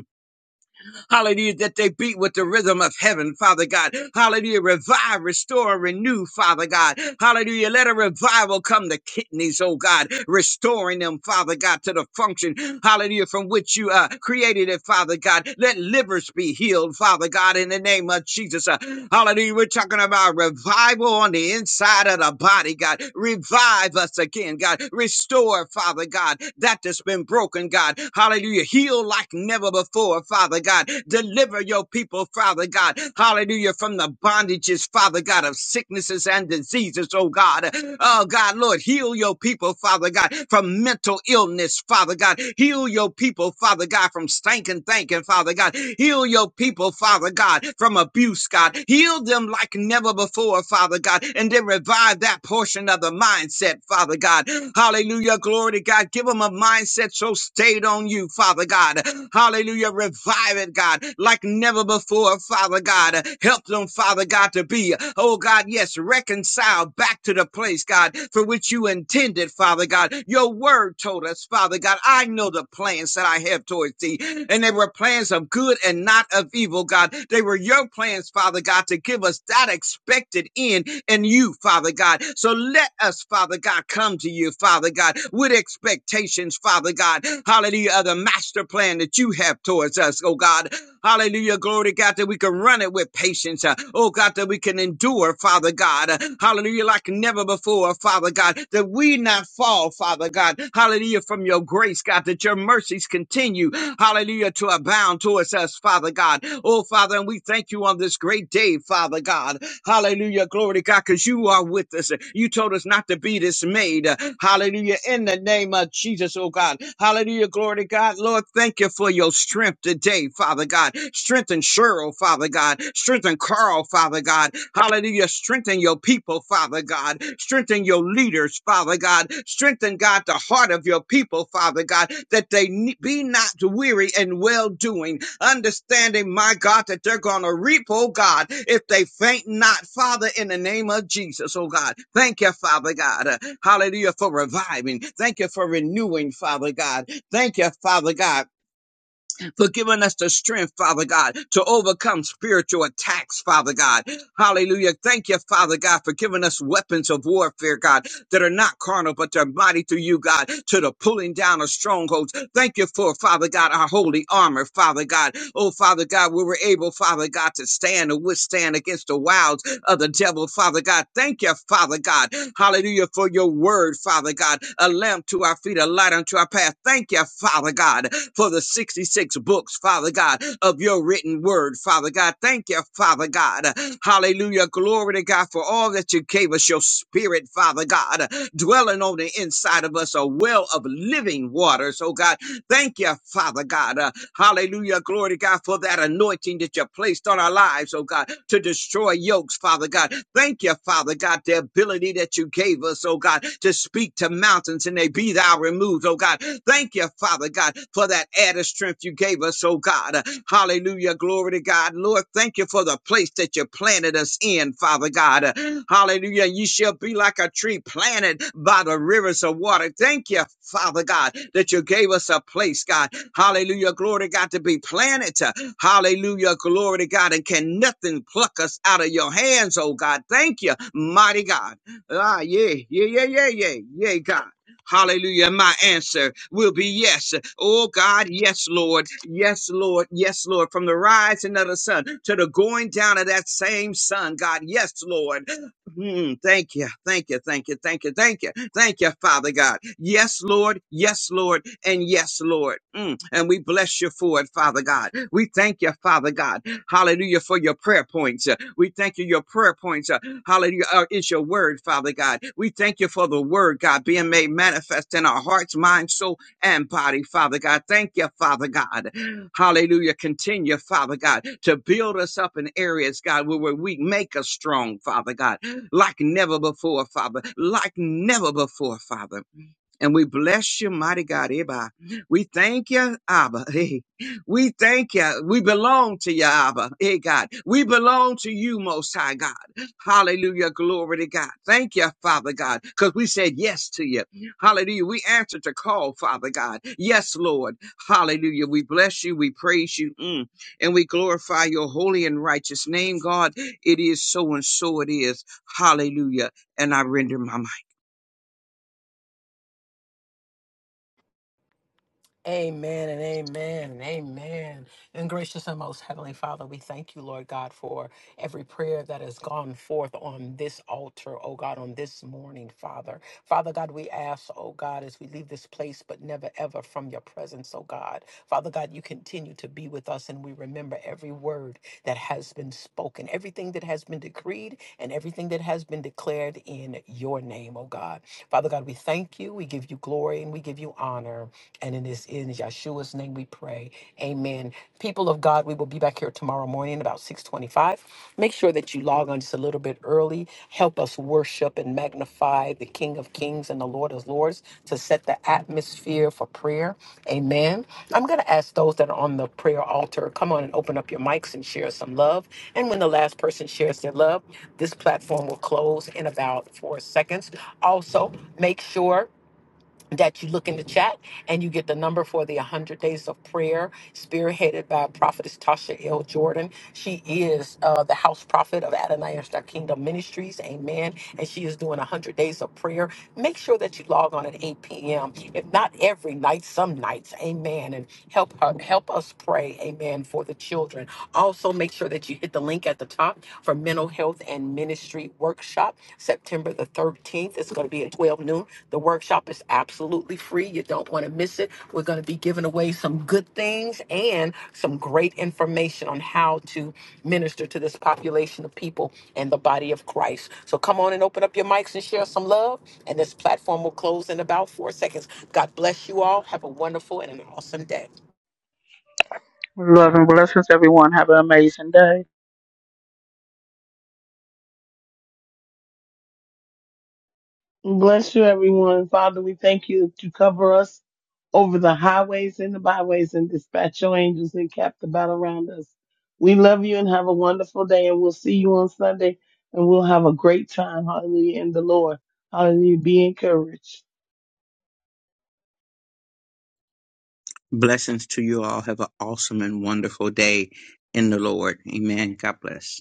Hallelujah, that they beat with the rhythm of heaven, Father God. Hallelujah, revive, restore, renew, Father God. Hallelujah, let a revival come to kidneys, oh God, restoring them, Father God, to the function, hallelujah, from which you uh, created it, Father God. Let livers be healed, Father God, in the name of Jesus. Uh, hallelujah, we're talking about revival on the inside of the body, God. Revive us again, God. Restore, Father God, that that's been broken, God. Hallelujah, heal like never before, Father God. Deliver your people, Father God. Hallelujah. From the bondages, Father God, of sicknesses and diseases, oh God. Oh God, Lord, heal your people, Father God, from mental illness, Father God. Heal your people, Father God, from stinking thinking, Father God. Heal your people, Father God, from abuse, God. Heal them like never before, Father God, and then revive that portion of the mindset, Father God. Hallelujah. Glory to God. Give them a mindset so stayed on you, Father God. Hallelujah. Revive it, God. God, like never before, Father God. Help them, Father God, to be, oh God, yes, reconciled back to the place, God, for which you intended, Father God. Your word told us, Father God, I know the plans that I have towards thee, and they were plans of good and not of evil, God. They were your plans, Father God, to give us that expected end in you, Father God. So let us, Father God, come to you, Father God, with expectations, Father God. Hallelujah, of the master plan that you have towards us, oh God. Hallelujah. Glory God that we can run it with patience. Uh, Oh God, that we can endure, Father God. Uh, Hallelujah. Like never before, Father God, that we not fall, Father God. Hallelujah. From your grace, God, that your mercies continue. Hallelujah. To abound towards us, Father God. Oh Father, and we thank you on this great day, Father God. Hallelujah. Glory to God, because you are with us. You told us not to be dismayed. Hallelujah. In the name of Jesus, oh God. Hallelujah. Glory to God. Lord, thank you for for your strength today, Father God. Strengthen Cheryl, Father God. Strengthen Carl, Father God. Hallelujah. Strengthen your people, Father God. Strengthen your leaders, Father God. Strengthen, God, the heart of your people, Father God, that they ne- be not weary in well doing, understanding, my God, that they're going to reap, oh God, if they faint not, Father, in the name of Jesus, oh God. Thank you, Father God. Uh, Hallelujah for reviving. Thank you for renewing, Father God. Thank you, Father God for giving us the strength, Father God, to overcome spiritual attacks, Father God. Hallelujah. Thank you, Father God, for giving us weapons of warfare, God, that are not carnal, but they're mighty through you, God, to the pulling down of strongholds. Thank you for, Father God, our holy armor, Father God. Oh, Father God, we were able, Father God, to stand and withstand against the wiles of the devil, Father God. Thank you, Father God. Hallelujah for your word, Father God. A lamp to our feet, a light unto our path. Thank you, Father God for the 66 books, Father God, of your written word, Father God. Thank you, Father God. Hallelujah. Glory to God for all that you gave us, your spirit, Father God, dwelling on the inside of us, a well of living waters, oh God. Thank you, Father God. Uh, Hallelujah. Glory to God for that anointing that you placed on our lives, oh God, to destroy yokes, Father God. Thank you, Father God, the ability that you gave us, oh God, to speak to mountains and they be thou removed, oh God. Thank you, Father God, for that added strength you gave us, oh God. Hallelujah. Glory to God. Lord, thank you for the the place that you planted us in, Father God. Uh, Hallelujah. You shall be like a tree planted by the rivers of water. Thank you, Father God, that you gave us a place, God. Hallelujah. Glory to God to be planted. uh, Hallelujah. Glory to God. And can nothing pluck us out of your hands, oh God. Thank you, mighty God. Ah, yeah, yeah, yeah, yeah, yeah, yeah, God. Hallelujah. My answer will be yes. Oh God, yes, Lord. Yes, Lord. Yes, Lord. From the rising of the sun to the going down of that same sun, God. Yes, Lord. Mm, thank you. Thank you. Thank you. Thank you. Thank you. Thank you, Father God. Yes, Lord. Yes, Lord. And yes, Lord. Mm, and we bless you for it, Father God. We thank you, Father God. Hallelujah for your prayer points. We thank you, your prayer points Hallelujah. Uh, It's your word, Father God. We thank you for the word, God, being made manifest in our hearts, mind, soul, and body, Father God. Thank you, Father God. Hallelujah. Continue, Father God, to build us up in areas, God, where we're weak. Make us strong, Father God, like never before, Father, like never before, Father. And we bless you, mighty God, Abba. We thank you, Abba. Hey, we thank you. We belong to you, Abba. Hey, God. We belong to you, Most High God. Hallelujah. Glory to God. Thank you, Father God, because we said yes to you. Hallelujah. We answered the call, Father God. Yes, Lord. Hallelujah. We bless you. We praise you. Mm. And we glorify your holy and righteous name, God. It is so and so it is. Hallelujah. And I render my mic.
Amen and amen and amen. And gracious and most heavenly Father, we thank you, Lord God, for every prayer that has gone forth on this altar, oh God, on this morning, Father. Father God, we ask, oh God, as we leave this place, but never ever from your presence, oh God. Father God, you continue to be with us and we remember every word that has been spoken, everything that has been decreed, and everything that has been declared in your name, oh God. Father God, we thank you, we give you glory, and we give you give you honor. And it is in Yeshua's name we pray. Amen. People of God, we will be back here tomorrow morning about 625. Make sure that you log on just a little bit early. Help us worship and magnify the King of Kings and the Lord of Lords to set the atmosphere for prayer. Amen. I'm going to ask those that are on the prayer altar, come on and open up your mics and share some love. And when the last person shares their love, this platform will close in about four seconds. Also, make sure that you look in the chat and you get the number for the 100 days of prayer spearheaded by prophetess tasha l jordan she is uh, the house prophet of adonai and Star kingdom ministries amen and she is doing 100 days of prayer make sure that you log on at 8 p.m if not every night some nights amen and help her help us pray amen for the children also make sure that you hit the link at the top for mental health mental health and ministry workshop September the 13th. It's going to be at 12 noon. The workshop is absolutely free. You don't want to miss it. We're going to be giving away some good things and some great information on how to minister to this population of people and the body of Christ. So come on and open up your mics and share some love. And this platform will close in about four seconds. God bless you all. Have a wonderful and an awesome day.
Love and blessings, everyone. Have an amazing day.
Bless you, everyone. Father, we thank you to cover us over the highways and the byways and dispatch your angels and cap the battle around us. We love you and have a wonderful day. And we'll see you on Sunday and we'll have a great time. Hallelujah. In the Lord. Hallelujah. Be encouraged.
Blessings to you all. Have an awesome and wonderful day in the Lord. Amen. God bless.